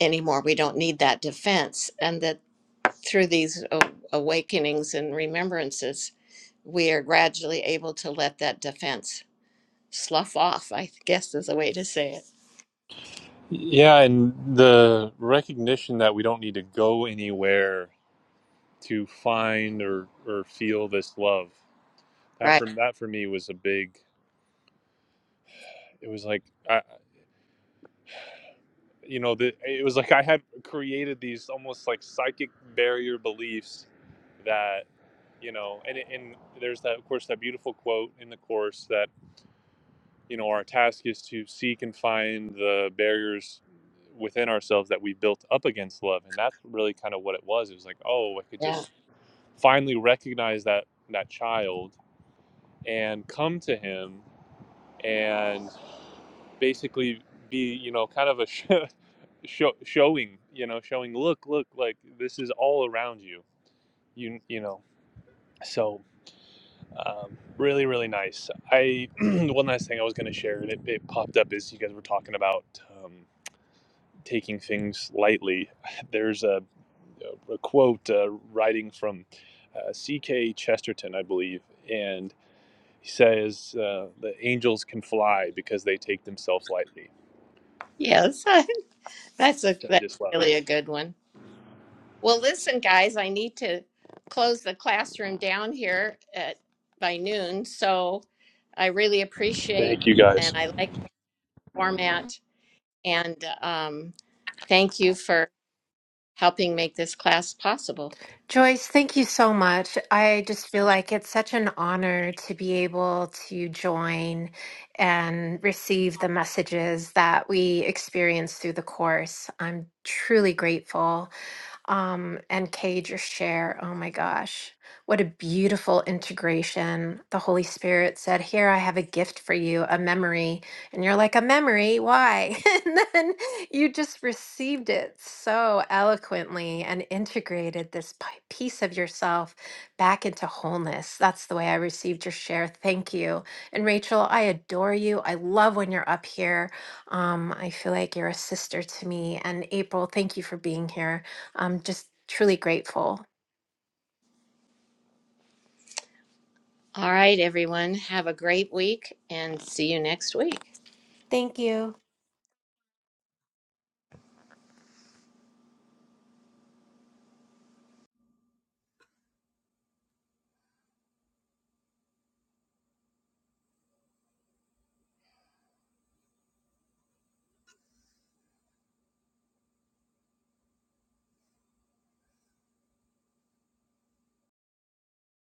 Speaker 2: anymore. We don't need that defense. And that through these a- awakenings and remembrances, we are gradually able to let that defense slough off, I guess is a way to say it.
Speaker 4: yeah, and the recognition that we don't need to go anywhere to find or, or feel this love. That
Speaker 2: Right.
Speaker 4: for that for me was a big. It was like I, you know the, it was like i had created these almost like psychic barrier beliefs that you know and, and there's that of course that beautiful quote in the course that you know our task is to seek and find the barriers within ourselves that we built up against love and that's really kind of what it was it was like oh i could
Speaker 2: Yeah.
Speaker 4: just finally recognize that that child and come to him and basically be you know kind of a sh- show, showing you know showing look look like this is all around you you you know so um, really really nice i one last thing i was going to share and it, it popped up is you guys were talking about um, taking things lightly there's a, a quote uh, writing from uh, ck chesterton i believe and he says uh, the angels can fly because they take themselves lightly
Speaker 2: Yes, that's a
Speaker 4: i
Speaker 2: that's
Speaker 4: just love
Speaker 2: really a good one. Well, listen, guys, I need to close the classroom down here at by noon, so I really appreciate
Speaker 4: thank you guys
Speaker 2: and I like the format and um, thank you for helping make this class possible.
Speaker 3: Joyce, thank you so much. I just feel like it's such an honor to be able to join and receive the messages that we experience through the course. I'm truly grateful. um, and Cage or Share. Oh my gosh, what a beautiful integration. The Holy Spirit said, Here, I have a gift for you, a memory. And you're like, A memory? Why? and then you just received it so eloquently and integrated this pi- piece of yourself back into wholeness. That's the way I received your share. Thank you. And Rachel, I adore you. I love when you're up here. Um, I feel like you're a sister to me. And April, thank you for being here. I'm just truly grateful.
Speaker 2: All right, everyone, have a great week and see you next week.
Speaker 3: Thank you.